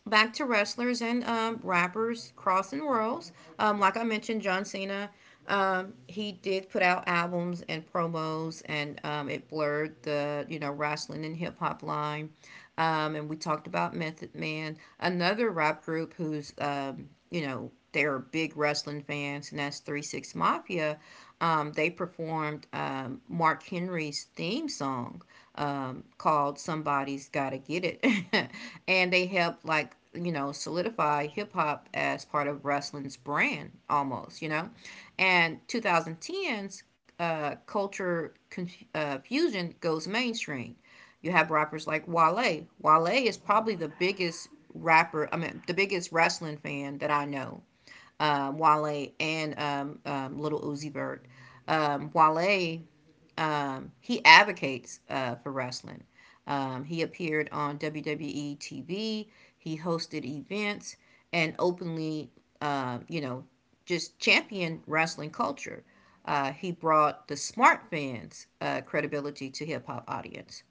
Speaker 1: back to wrestlers and rappers crossing worlds. Like I mentioned, John Cena, he did put out albums and promos, and it blurred the you know wrestling and hip hop line. And we talked about Method Man, another rap group who's you know they're big wrestling fans, and that's 3 6 Mafia. They performed Mark Henry's theme song called "Somebody's Gotta Get It," [laughs] and they helped like you know solidify hip hop as part of wrestling's brand almost. You know, and 2010's culture fusion goes mainstream. You have rappers like Wale. Wale is probably the biggest wrestling fan that I know, Wale and Little Uzi Vert. Wale, he advocates for wrestling. He appeared on WWE TV. He hosted events and openly, you know, just championed wrestling culture. He brought the smart fans credibility to hip hop audience,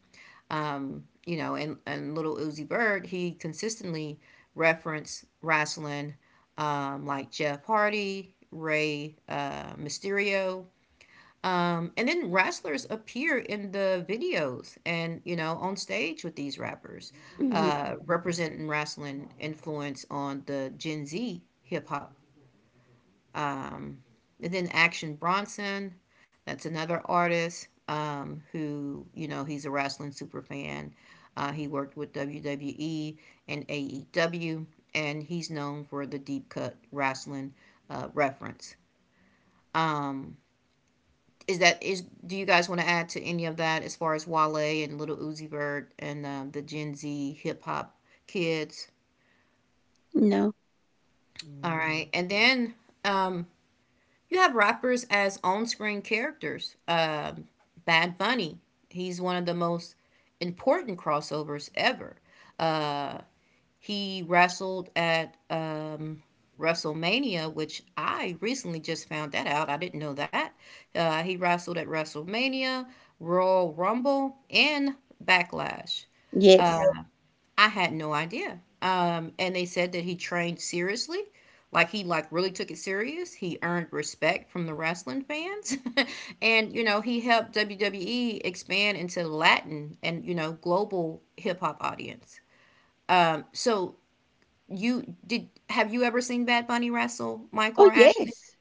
Speaker 1: you know, and little Uzi Bird, he consistently referenced wrestling, like Jeff Hardy, Ray Mysterio. And then wrestlers appear in the videos and, you know, on stage with these rappers,
Speaker 2: Hmm.
Speaker 1: representing wrestling influence on the Gen Z hip hop. And then Action Bronson, that's another artist who, you know, he's a wrestling super fan. He worked with WWE and AEW, and he's known for the deep cut wrestling reference. Um, is that is? Do you guys want to add to any of that as far as Wale and Little Uzi Vert and the Gen Z hip hop kids?
Speaker 2: No.
Speaker 1: All
Speaker 3: Mm-hmm.
Speaker 1: right, and then um, you have rappers as on-screen characters. Bad Bunny, he's one of the most important crossovers ever. He wrestled at WrestleMania, which I recently just found that out. I didn't know that. He wrestled at WrestleMania, Royal Rumble, and Backlash. Uh,
Speaker 2: Yes.
Speaker 1: I had no idea. And they said that he trained seriously, like he really took it serious. He earned respect from the wrestling fans, [laughs] and you know he helped WWE expand into Latin and you know global hip hop audience. So you did have you ever seen Bad Bunny wrestle Mike
Speaker 2: Oh
Speaker 1: or Ashley?
Speaker 2: yes.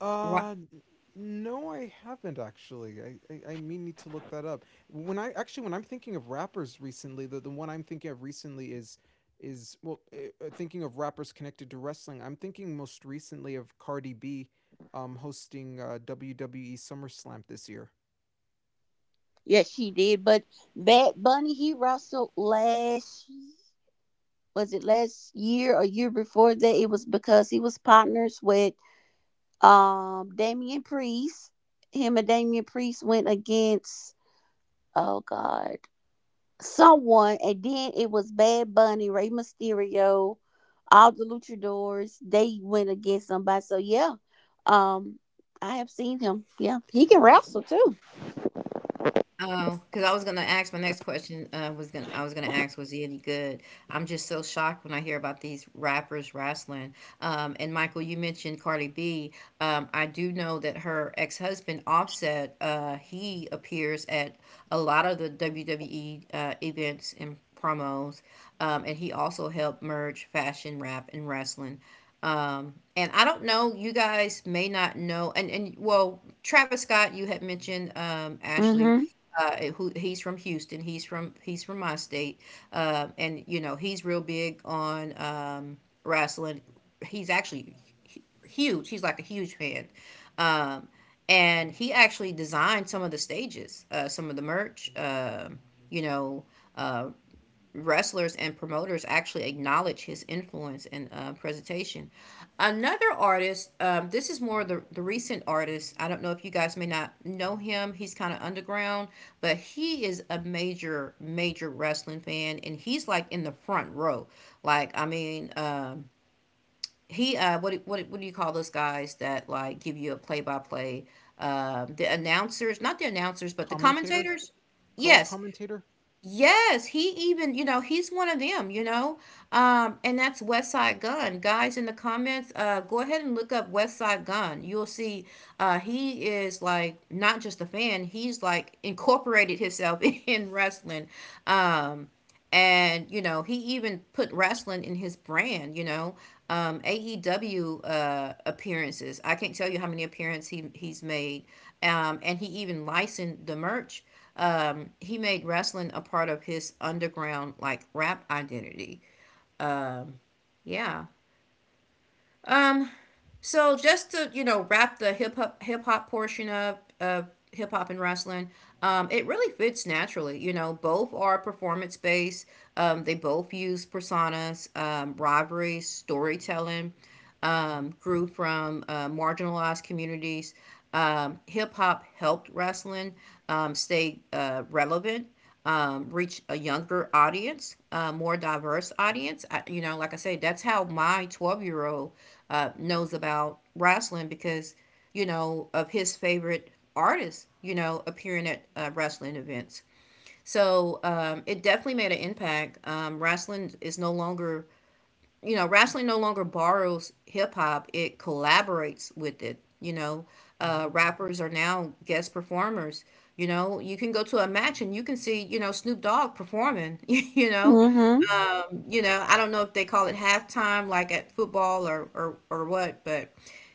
Speaker 3: Uh, n- no, I haven't actually. I may need to look that up. When I'm thinking of rappers recently, the one I'm thinking of recently is well eh, thinking of rappers connected to wrestling, I'm thinking most recently of Cardi B, hosting WWE SummerSlam this year.
Speaker 2: Yes, she did. But Bad Bunny, he wrestled last was it last year or year before that? It was because he was partners with Damian Priest. Him and Damian Priest went against oh god someone, and then it was Bad Bunny, Rey Mysterio, all the Luchadors. They went against somebody. So yeah, um, I have seen him. Yeah, he can wrestle too.
Speaker 1: Oh, because I was gonna ask my next question, was gonna I was gonna ask, was he any good? I'm just so shocked when I hear about these rappers wrestling. And Michael, you mentioned Cardi B. I do know that her ex-husband Offset, he appears at a lot of the WWE events and promos, and he also helped merge fashion, rap, and wrestling. And I don't know, you guys may not know, and well, Travis Scott, you had mentioned Ashley,
Speaker 2: Mm.
Speaker 1: who he's from Houston, he's from my state, and you know he's real big on wrestling. He's actually huge. He's like a huge fan, um, and he actually designed some of the stages, some of the merch. you know, wrestlers and promoters actually acknowledge his influence and presentation. Another artist, this is more the recent artist. I don't know if you guys may not know him. He's kind of underground, but he is a major, major wrestling fan, and he's like in the front row. Like, I mean, he what do you call those guys that like give you a play by play? The announcers, not the announcers, but the
Speaker 3: Commentator,
Speaker 1: commentators.
Speaker 3: color
Speaker 1: Yes,
Speaker 3: commentator.
Speaker 1: yes, he even, you know, he's one of them, you know. And that's West Side Gun. Guys in the comments, go ahead and look up West Side Gun. You'll see he is like not just a fan, he's like incorporated himself [laughs] in wrestling. Um, and you know he even put wrestling in his brand, you know, aew appearances. I can't tell you how many appearances he's made, and he even licensed the merch. He made wrestling a part of his underground like rap identity. Yeah. So just to, you know, wrap the hip hop portion of hip hop and wrestling, it really fits naturally. You know, both are performance based. They both use personas, rivalries, storytelling.
Speaker 3: Mm-hmm.
Speaker 1: Grew from marginalized communities. Hip hop helped wrestling stay relevant, reach a younger audience, a more diverse audience. I, you know, like I say, that's how my 12-year-old year old knows about wrestling because, you know, of his favorite artists, you know, appearing at wrestling events. So it definitely made an impact. Wrestling is no longer, you know, wrestling no longer borrows hip hop, it collaborates with it. You know,
Speaker 3: Mm-hmm.
Speaker 1: rappers are now guest performers. You know, you can go to a match and you can see, you know, Snoop Dogg performing, [laughs] you know.
Speaker 2: Mhm. Mm.
Speaker 3: Mm-hmm.
Speaker 1: You know, I don't know if they call it halftime like at football or or what, but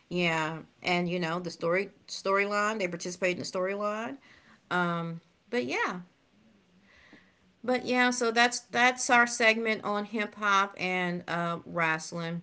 Speaker 1: yeah. And you know, the storyline, they participate in the storyline. But yeah. But yeah, so that's our segment on hip hop and wrestling.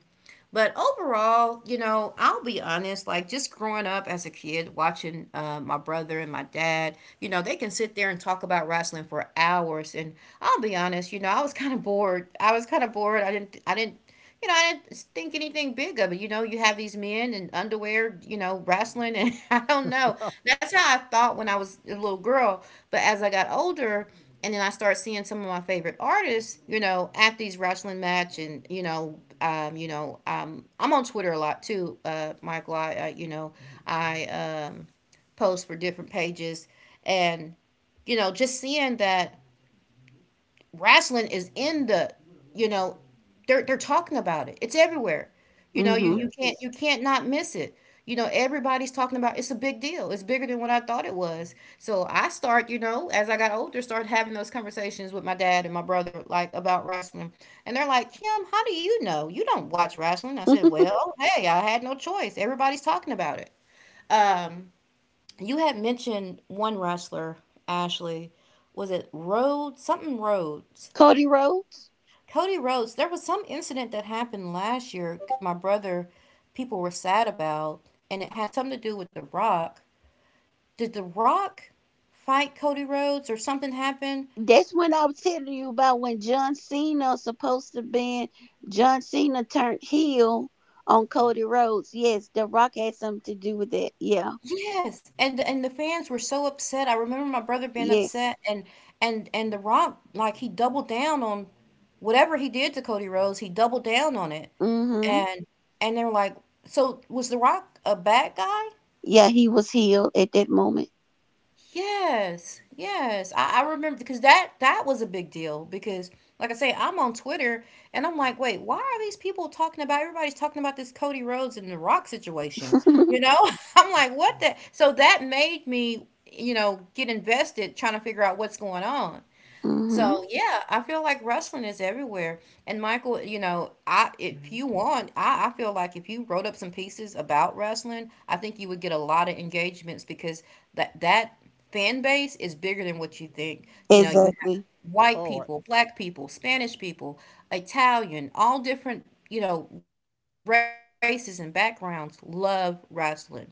Speaker 1: But overall, you know, I'll be honest, like just growing up as a kid, watching my brother and my dad, you know, they can sit there and talk about wrestling for hours. And I'll be honest, you know, I was kind of bored. I was kind of bored. I didn't, you know, I didn't think anything big of it. You know, you have these men in underwear, you know, wrestling. And [laughs] I don't know.
Speaker 3: [laughs]
Speaker 1: That's how I thought when I was a little girl. But as I got older, and then I start seeing some of my favorite artists, you know, at these wrestling match, and you know, I'm on Twitter a lot too, Michael. I, you know, I, post for different pages, and you know, just seeing that wrestling is in the, you know, they're talking about it, it's everywhere. You know, you
Speaker 2: Mhm.
Speaker 1: you can't,
Speaker 3: Yes.
Speaker 1: you can't not miss it. You know, everybody's talking about it's a big deal, it's bigger than what I thought it was. So I start, you know, as I got older, start having those conversations with my dad and my brother like about wrestling, and they're like, Kim, how do you know? You don't watch wrestling. I
Speaker 2: Mm.
Speaker 1: said,
Speaker 2: Mhm. [laughs]
Speaker 1: well, hey, I had no choice, everybody's talking about it. um you had mentioned one wrestler, Ashley, was it Rhodes? Something Rhodes.
Speaker 2: Cody Rhodes.
Speaker 1: Cody Rhodes, there was some incident that happened last year. My brother, people were sad about, and it had something to do with The Rock. Did The Rock fight Cody Rhodes or something happened?
Speaker 2: That's when I was telling you about when John Cena was supposed to be John Cena turned heel on Cody Rhodes. Yes, The Rock had something to do with that. Yeah.
Speaker 1: Yes, and the fans were so upset. I remember my brother being
Speaker 2: Yes.
Speaker 1: upset, and and The Rock, like he doubled down on whatever he did to Cody Rhodes. He doubled down on it,
Speaker 2: Mm-hmm.
Speaker 1: and and they're like, so was The Rock a bad guy?
Speaker 2: Yeah, he was healed at that moment.
Speaker 1: Yes, yes. I remember because that was a big deal because like I say, I'm on Twitter, and I'm like, wait, why are these people talking about, everybody's talking about this Cody Rhodes and the Rock situation?
Speaker 2: [laughs]
Speaker 1: You know? [laughs] I'm like, what the, so that made me, you know, get invested trying to figure out what's going on.
Speaker 2: mm-hmm.
Speaker 1: So yeah, I feel like wrestling is everywhere. And Michael, you know, I if
Speaker 3: Mm-hmm.
Speaker 1: you want, I feel like if you wrote up some pieces about wrestling, I think you would get a lot of engagements because that fan base is bigger than what you think. You know, you have
Speaker 2: Exactly.
Speaker 1: white
Speaker 3: Oh, I,
Speaker 1: people, black people, Spanish people, Italian, all different, you know, races and backgrounds love wrestling. You know,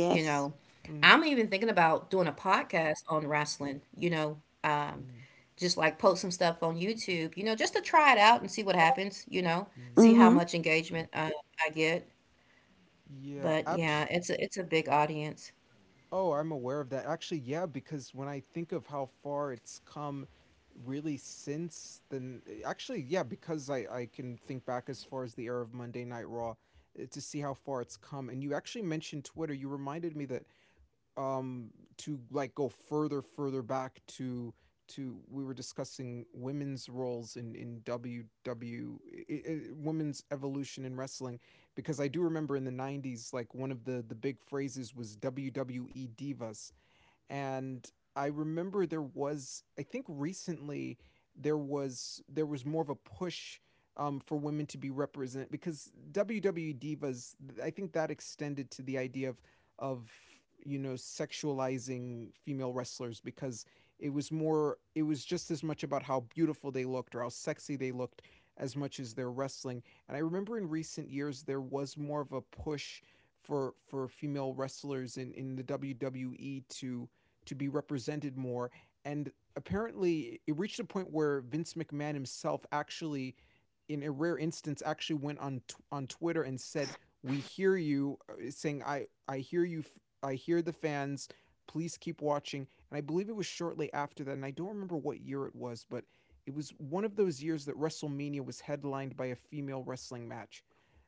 Speaker 1: I'm even thinking about
Speaker 3: mm,
Speaker 1: doing a podcast on wrestling, you know, um, just like
Speaker 3: mm.
Speaker 1: post some stuff on YouTube, you know, just to try it out and see what happens, you know, see how much
Speaker 3: Mhm.
Speaker 2: Mm-hmm.
Speaker 1: engagement I get. But
Speaker 3: Yeah,
Speaker 1: yeah,
Speaker 3: abs-
Speaker 1: it's a big audience.
Speaker 3: oh, I'm aware of that. Actually, yeah, because when I think of how far it's come really since then yeah, because I can think back as far as the era of Monday Night Raw, to see how far it's come. And you actually mentioned Twitter. You reminded me that um to like go further back to we were discussing women's roles in WW i- women's evolution in wrestling because I do remember in the 90s, like one of the big phrases was WWE divas. And I remember there was, I think recently, there was more of a push, for women to be represented because WWE divas, I think that extended to the idea of of you know sexualizing female wrestlers, because it was more, it was just as much about how beautiful they looked or how sexy they looked as much as their wrestling. And I remember in recent years there was more of a push for female wrestlers in the WWE to be represented more. And apparently, it reached a point where Vince McMahon himself, actually, in a rare instance, actually went on on Twitter and said, "We hear you," saying, "I hear you. I hear the fans. Please keep watching." And I believe it was shortly after that, and I don't remember what year it was, but it was one of those years that WrestleMania was headlined by a female wrestling match.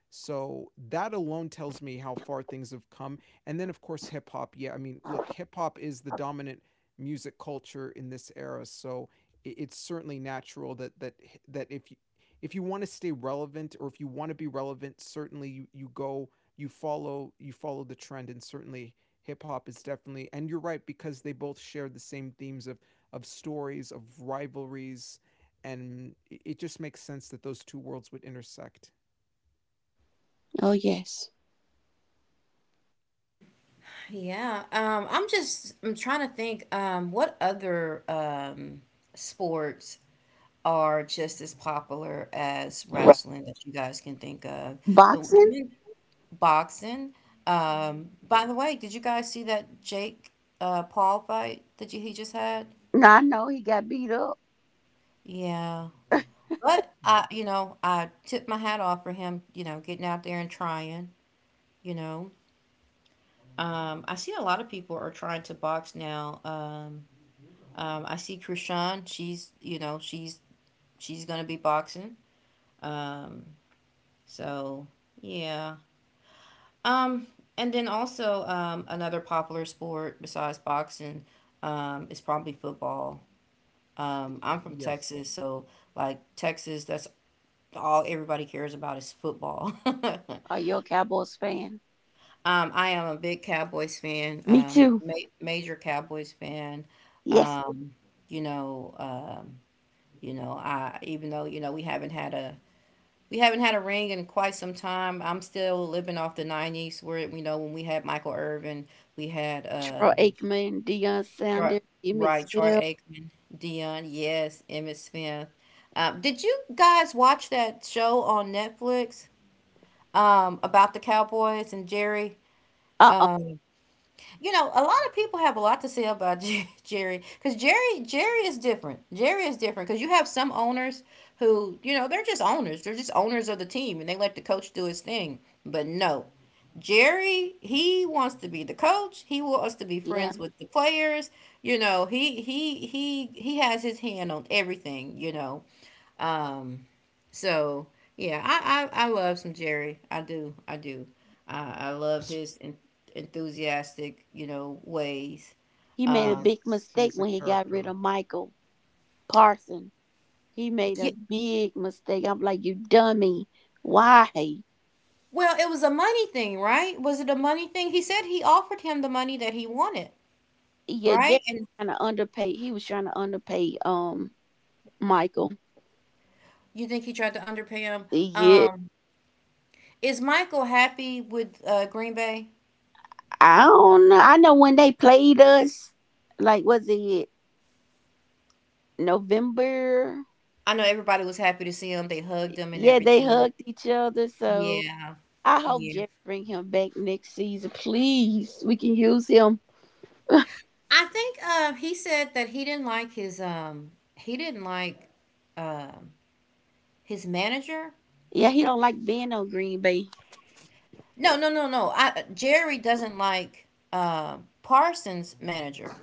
Speaker 3: So that alone tells me how far things have come. And then, of course, hip hop. Yeah, I mean, look, hip hop is the dominant music culture in this era. So it's certainly natural that if you want to stay relevant, or if you want to be relevant, certainly you go, you follow the trend. And certainly hip hop is, definitely. And you're right, because they both share the same themes of stories, of rivalries, and it just makes sense that those two worlds would intersect.
Speaker 2: Oh yes.
Speaker 1: Yeah, I'm just I'm trying to think what other sports are just as popular as
Speaker 2: Right.
Speaker 1: wrestling that you guys can think of. The
Speaker 2: Boxing?
Speaker 1: one boxing. By the way, did you guys see that Jake Paul fight that you, he just had?
Speaker 2: No, I know he got beat up.
Speaker 1: Yeah. But
Speaker 3: Mm.
Speaker 1: I, you know, I tip my hat off for him, you know, getting out there and trying, you know. I see a lot of people are trying to box now. I see Krishan, she's, you know, she's gonna be boxing. Um, so yeah. Um, and then also another popular sport besides boxing is probably football.
Speaker 3: Y-
Speaker 1: I'm from
Speaker 3: Yes.
Speaker 1: Texas, so like Texas, that's all everybody cares about is football. [laughs]
Speaker 2: Are you a Cowboys fan?
Speaker 1: I am a big Cowboys fan,
Speaker 2: Me too.
Speaker 1: major Cowboys fan.
Speaker 2: Yes.
Speaker 1: Um, you know, you know, I even though you know we haven't had a ring in quite some time. I'm still living off the '90s, where you know when we had Michael Irvin, we had
Speaker 2: Troy Aikman, Deion
Speaker 1: Troy,
Speaker 2: Sanders, Emmett
Speaker 1: right, Troy
Speaker 2: Smith.
Speaker 1: Aikman, Dion, yes, Emmett Smith. Did you guys watch that show on Netflix about the Cowboys and Jerry?
Speaker 2: Uh uh.
Speaker 1: Um, you know, a lot of people have a lot to say about [laughs] Jerry because Jerry is different. Jerry is different because you have some owners who you know they're just owners. They're just owners of the team and they let the coach do his thing. But no, Jerry he wants to be the coach. He wants to be
Speaker 2: Yeah,
Speaker 1: friends with the players. You know, he has his hand on everything. You know, um, so yeah, I love some Jerry. I do. I do. I love
Speaker 3: [laughs]
Speaker 1: his enthusiastic, you know, ways.
Speaker 2: he
Speaker 3: Yeah,
Speaker 2: made a
Speaker 1: Um,
Speaker 3: he's
Speaker 2: big mistake
Speaker 3: a
Speaker 2: when he got rid
Speaker 3: character.
Speaker 2: of Michael Parson. He made
Speaker 1: yeah,
Speaker 2: a big mistake. I'm like, you dummy. Why?
Speaker 1: well, it was a money thing, right? Was it a money thing? He said he offered him the money that he wanted,
Speaker 2: Yeah,
Speaker 1: right?
Speaker 2: Jerry
Speaker 1: And
Speaker 2: trying to underpay. He was trying to underpay Michael.
Speaker 1: you think he tried to underpay him?
Speaker 2: Yeah,
Speaker 1: Um, is Michael happy with Green Bay?
Speaker 2: I don't know. I know when they played us, like was it November?
Speaker 1: I know everybody was happy to see him. They hugged him and
Speaker 2: Yeah, they
Speaker 1: everything.
Speaker 2: hugged each other. So
Speaker 1: Yeah.
Speaker 2: I hope
Speaker 1: Yeah.
Speaker 2: Jerry bring him back next season, please. We can use him.
Speaker 1: I think he said that he didn't like his he didn't like um his manager.
Speaker 2: Yeah, he don't like being on Green Bay.
Speaker 1: No, no, no, no. I Jerry doesn't like Parsons' manager.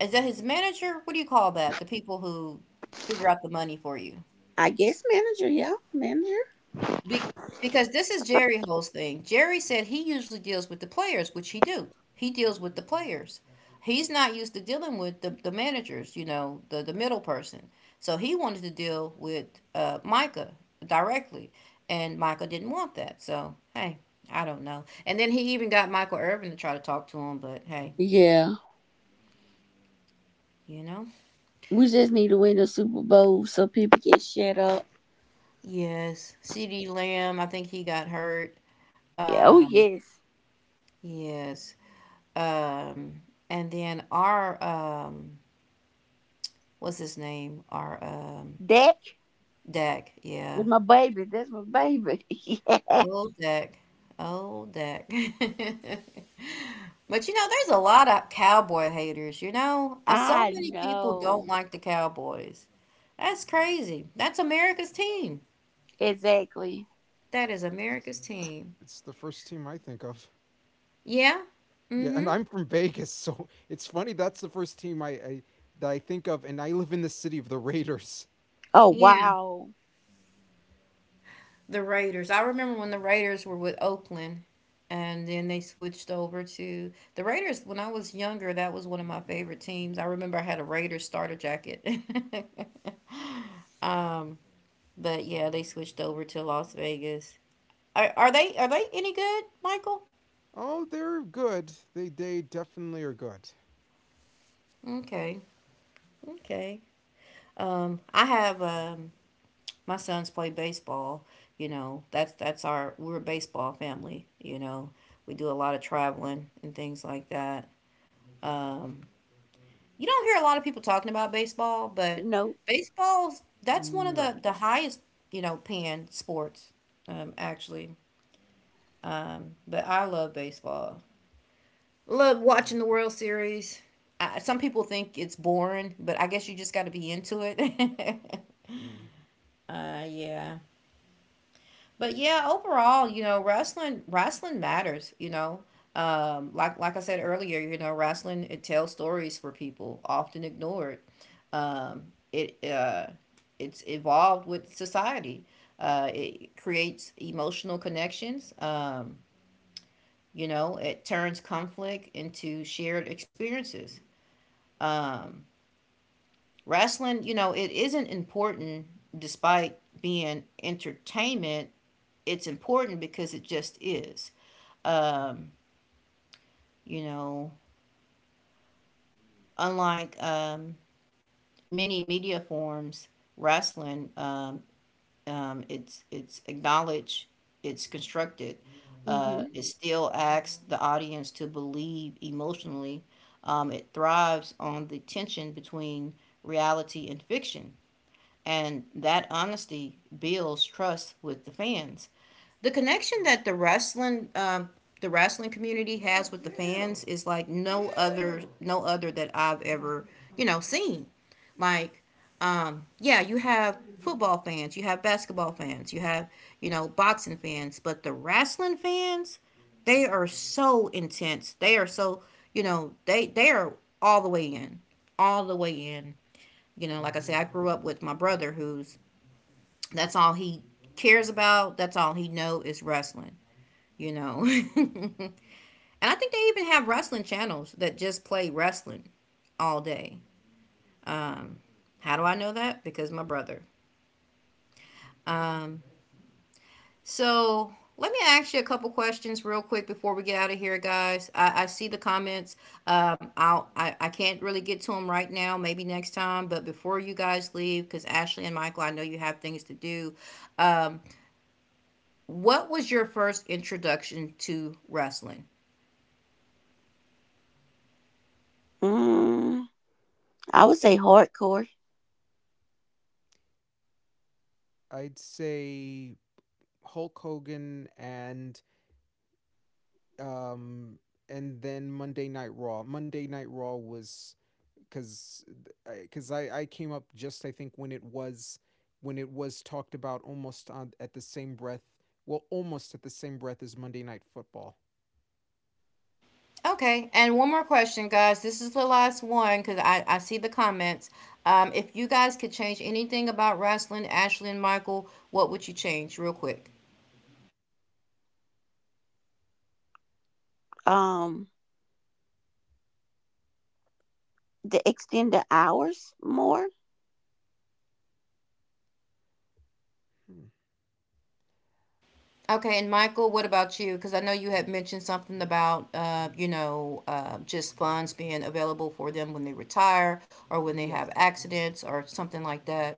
Speaker 1: Is that his manager? What do you call that? The people who figure out the money for you.
Speaker 2: I guess manager.
Speaker 1: Be- because this is Jerry Ho's thing. Jerry said he usually deals with the players, which he do. He deals with the players. He's not used to dealing with the managers, you know, the middle person. So he wanted to deal with Micah directly, and Micah didn't want that. So, hey, I don't know. And then he even got Michael Irvin to try to talk to him, but hey,
Speaker 2: Yeah,
Speaker 1: you know?
Speaker 2: we just need to win the Super Bowl so people can shut up.
Speaker 1: Yes. CD Lamb, I think he got hurt.
Speaker 2: Yeah, oh
Speaker 1: Um,
Speaker 2: yes,
Speaker 1: yes. Um, and then our what's his name? Our
Speaker 2: that
Speaker 1: Dak, yeah.
Speaker 2: that's my baby. That's my baby. [laughs] yeah,
Speaker 1: Old Dak. Old Dak. [laughs] But you know, there's a lot of cowboy haters, you know? So
Speaker 2: I
Speaker 1: many people don't
Speaker 2: know
Speaker 1: like the Cowboys. That's crazy. That's America's team.
Speaker 2: exactly.
Speaker 1: That is
Speaker 3: It's
Speaker 1: America's team.
Speaker 3: it's the first team I think of.
Speaker 1: Yeah.
Speaker 3: Yeah, and
Speaker 1: Mm-hmm.
Speaker 3: I'm from Vegas, so [laughs] it's funny that's the first team I that I think of, and I live in the city of the Raiders.
Speaker 2: Oh
Speaker 1: Yeah,
Speaker 2: wow,
Speaker 1: the Raiders. I remember when the Raiders were with Oakland and then they switched over to the Raiders. When I was younger, that was one of my favorite teams. I remember I had a Raiders starter jacket. [laughs] um, but yeah, they switched over to Las Vegas. Are they any good, Michael?
Speaker 3: Oh, they're good. They definitely are good.
Speaker 1: Okay, okay. I have my sons play baseball. You know, that's our we're a baseball family. You know, we do a lot of traveling and things like that. Um, You don't hear a lot of people talking about baseball, but
Speaker 2: nope.
Speaker 1: baseball's that's one of
Speaker 3: No.
Speaker 1: the highest, you know, paying sports, actually. But I love baseball. Love watching the World Series. I, some people think it's boring, but I guess you just got to be into it. [laughs]
Speaker 3: Mm,
Speaker 1: Yeah. But yeah, overall, you know, wrestling matters, you know. Like I said earlier, you know, wrestling it tells stories for people, often ignored. It it's evolved with society. It creates emotional connections. You know, it turns conflict into shared experiences. Um, wrestling, you know, it isn't important despite being entertainment. It's important because it just is. Um, you know, unlike many media forms, wrestling, it's acknowledged, it's constructed.
Speaker 2: Mm-hmm.
Speaker 1: It still asks the audience to believe emotionally. It thrives on the tension between reality and fiction, and that honesty builds trust with the fans. The connection that the wrestling community has with the fans is like no other that I've ever you know seen. Like yeah, you have football fans, you have basketball fans, you have you know boxing fans, but the wrestling fans they are so intense. They are so you know they are all the way in, all the way in. You know, like I
Speaker 3: mhm.
Speaker 1: said, I grew up with my brother who's that's all he cares about. That's all he know is wrestling you know. [laughs] And I think they even have wrestling channels that just play wrestling all day. How do I know that? Because my brother. So let me ask you a couple questions real quick before we get out of here, guys. I see the comments. I'll, I can't really get to them right now. Maybe next time. But before you guys leave, because Ashley and Michael, I know you have things to do. Um, what was your first introduction to wrestling?
Speaker 2: Mm, I would say hardcore.
Speaker 3: I'd say Hulk Hogan um and then Monday Night Raw. Monday Night Raw was, because I came up just, I think, when it was talked about almost on, at the same breath, well almost at the same breath as Monday Night Football.
Speaker 1: Okay, and one more question, guys. This is the last one because I see the comments. If you guys could change anything about wrestling, Ashley and Michael, what would you change, real quick?
Speaker 2: Um, the extended hours more.
Speaker 3: Hmm.
Speaker 1: Okay, and Michael, what about you? Because I know you had mentioned something about, you know, just funds being available for them when they retire or when they have
Speaker 3: Yes,
Speaker 1: accidents or something like that.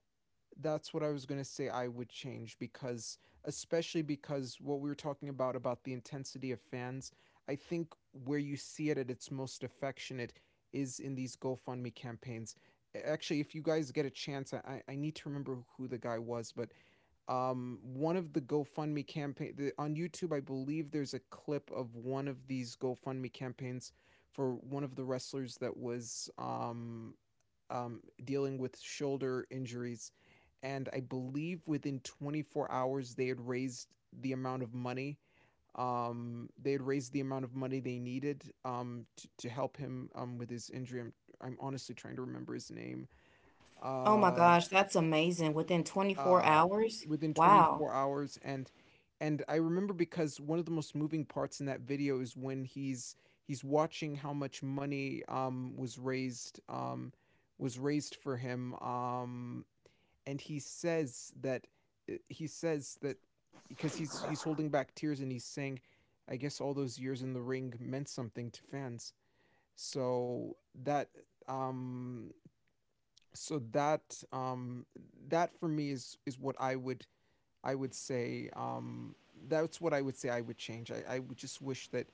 Speaker 3: that's what I was gonna say I would change, because especially because what we were talking about the intensity of fans. I think where you see it at its most affectionate is in these GoFundMe campaigns. Actually, if you guys get a chance, I need to remember who the guy was, but one of the GoFundMe campaign, on YouTube, I believe there's a clip of one of these GoFundMe campaigns for one of the wrestlers that was dealing with shoulder injuries, and I believe within 24 hours they had raised the amount of money. They had raised the amount of money they needed, to help him with his injury. I'm honestly trying to remember his name.
Speaker 1: Oh my
Speaker 3: Uh,
Speaker 1: gosh, that's amazing. Within 24
Speaker 3: uh,
Speaker 1: hours?
Speaker 3: Within
Speaker 1: Wow.
Speaker 3: 24 hours. And I remember, because one of the most moving parts in that video is when he's watching how much money was raised, for him, and he says that, uh, he says that because he's holding back tears, and he's saying, "I guess all those years in the ring meant something to fans." So that, um so that um for me, is what I would, I would say, that's what I would say I would change. I would just wish that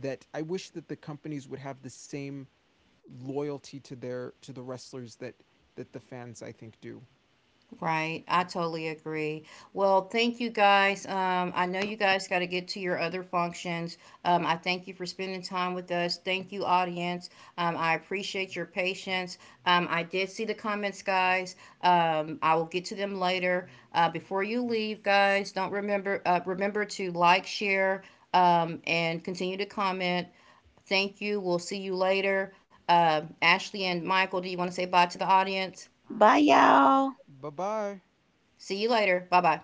Speaker 3: I wish that the companies would have the same loyalty to their, to the wrestlers, that the fans, I think, do.
Speaker 1: Right, I totally agree. Well, thank you guys. I know you guys got to get to your other functions. I thank you for spending time with us. Thank you, audience. I appreciate your patience. I did see the comments, guys. I will get to them later. Before you leave, guys, don't remember remember to like, share, and continue to comment. Thank you. We'll see you later. Ashley and Michael, do you want to say bye to the audience?
Speaker 2: Bye y'all.
Speaker 3: Bye bye.
Speaker 1: See you later. Bye bye.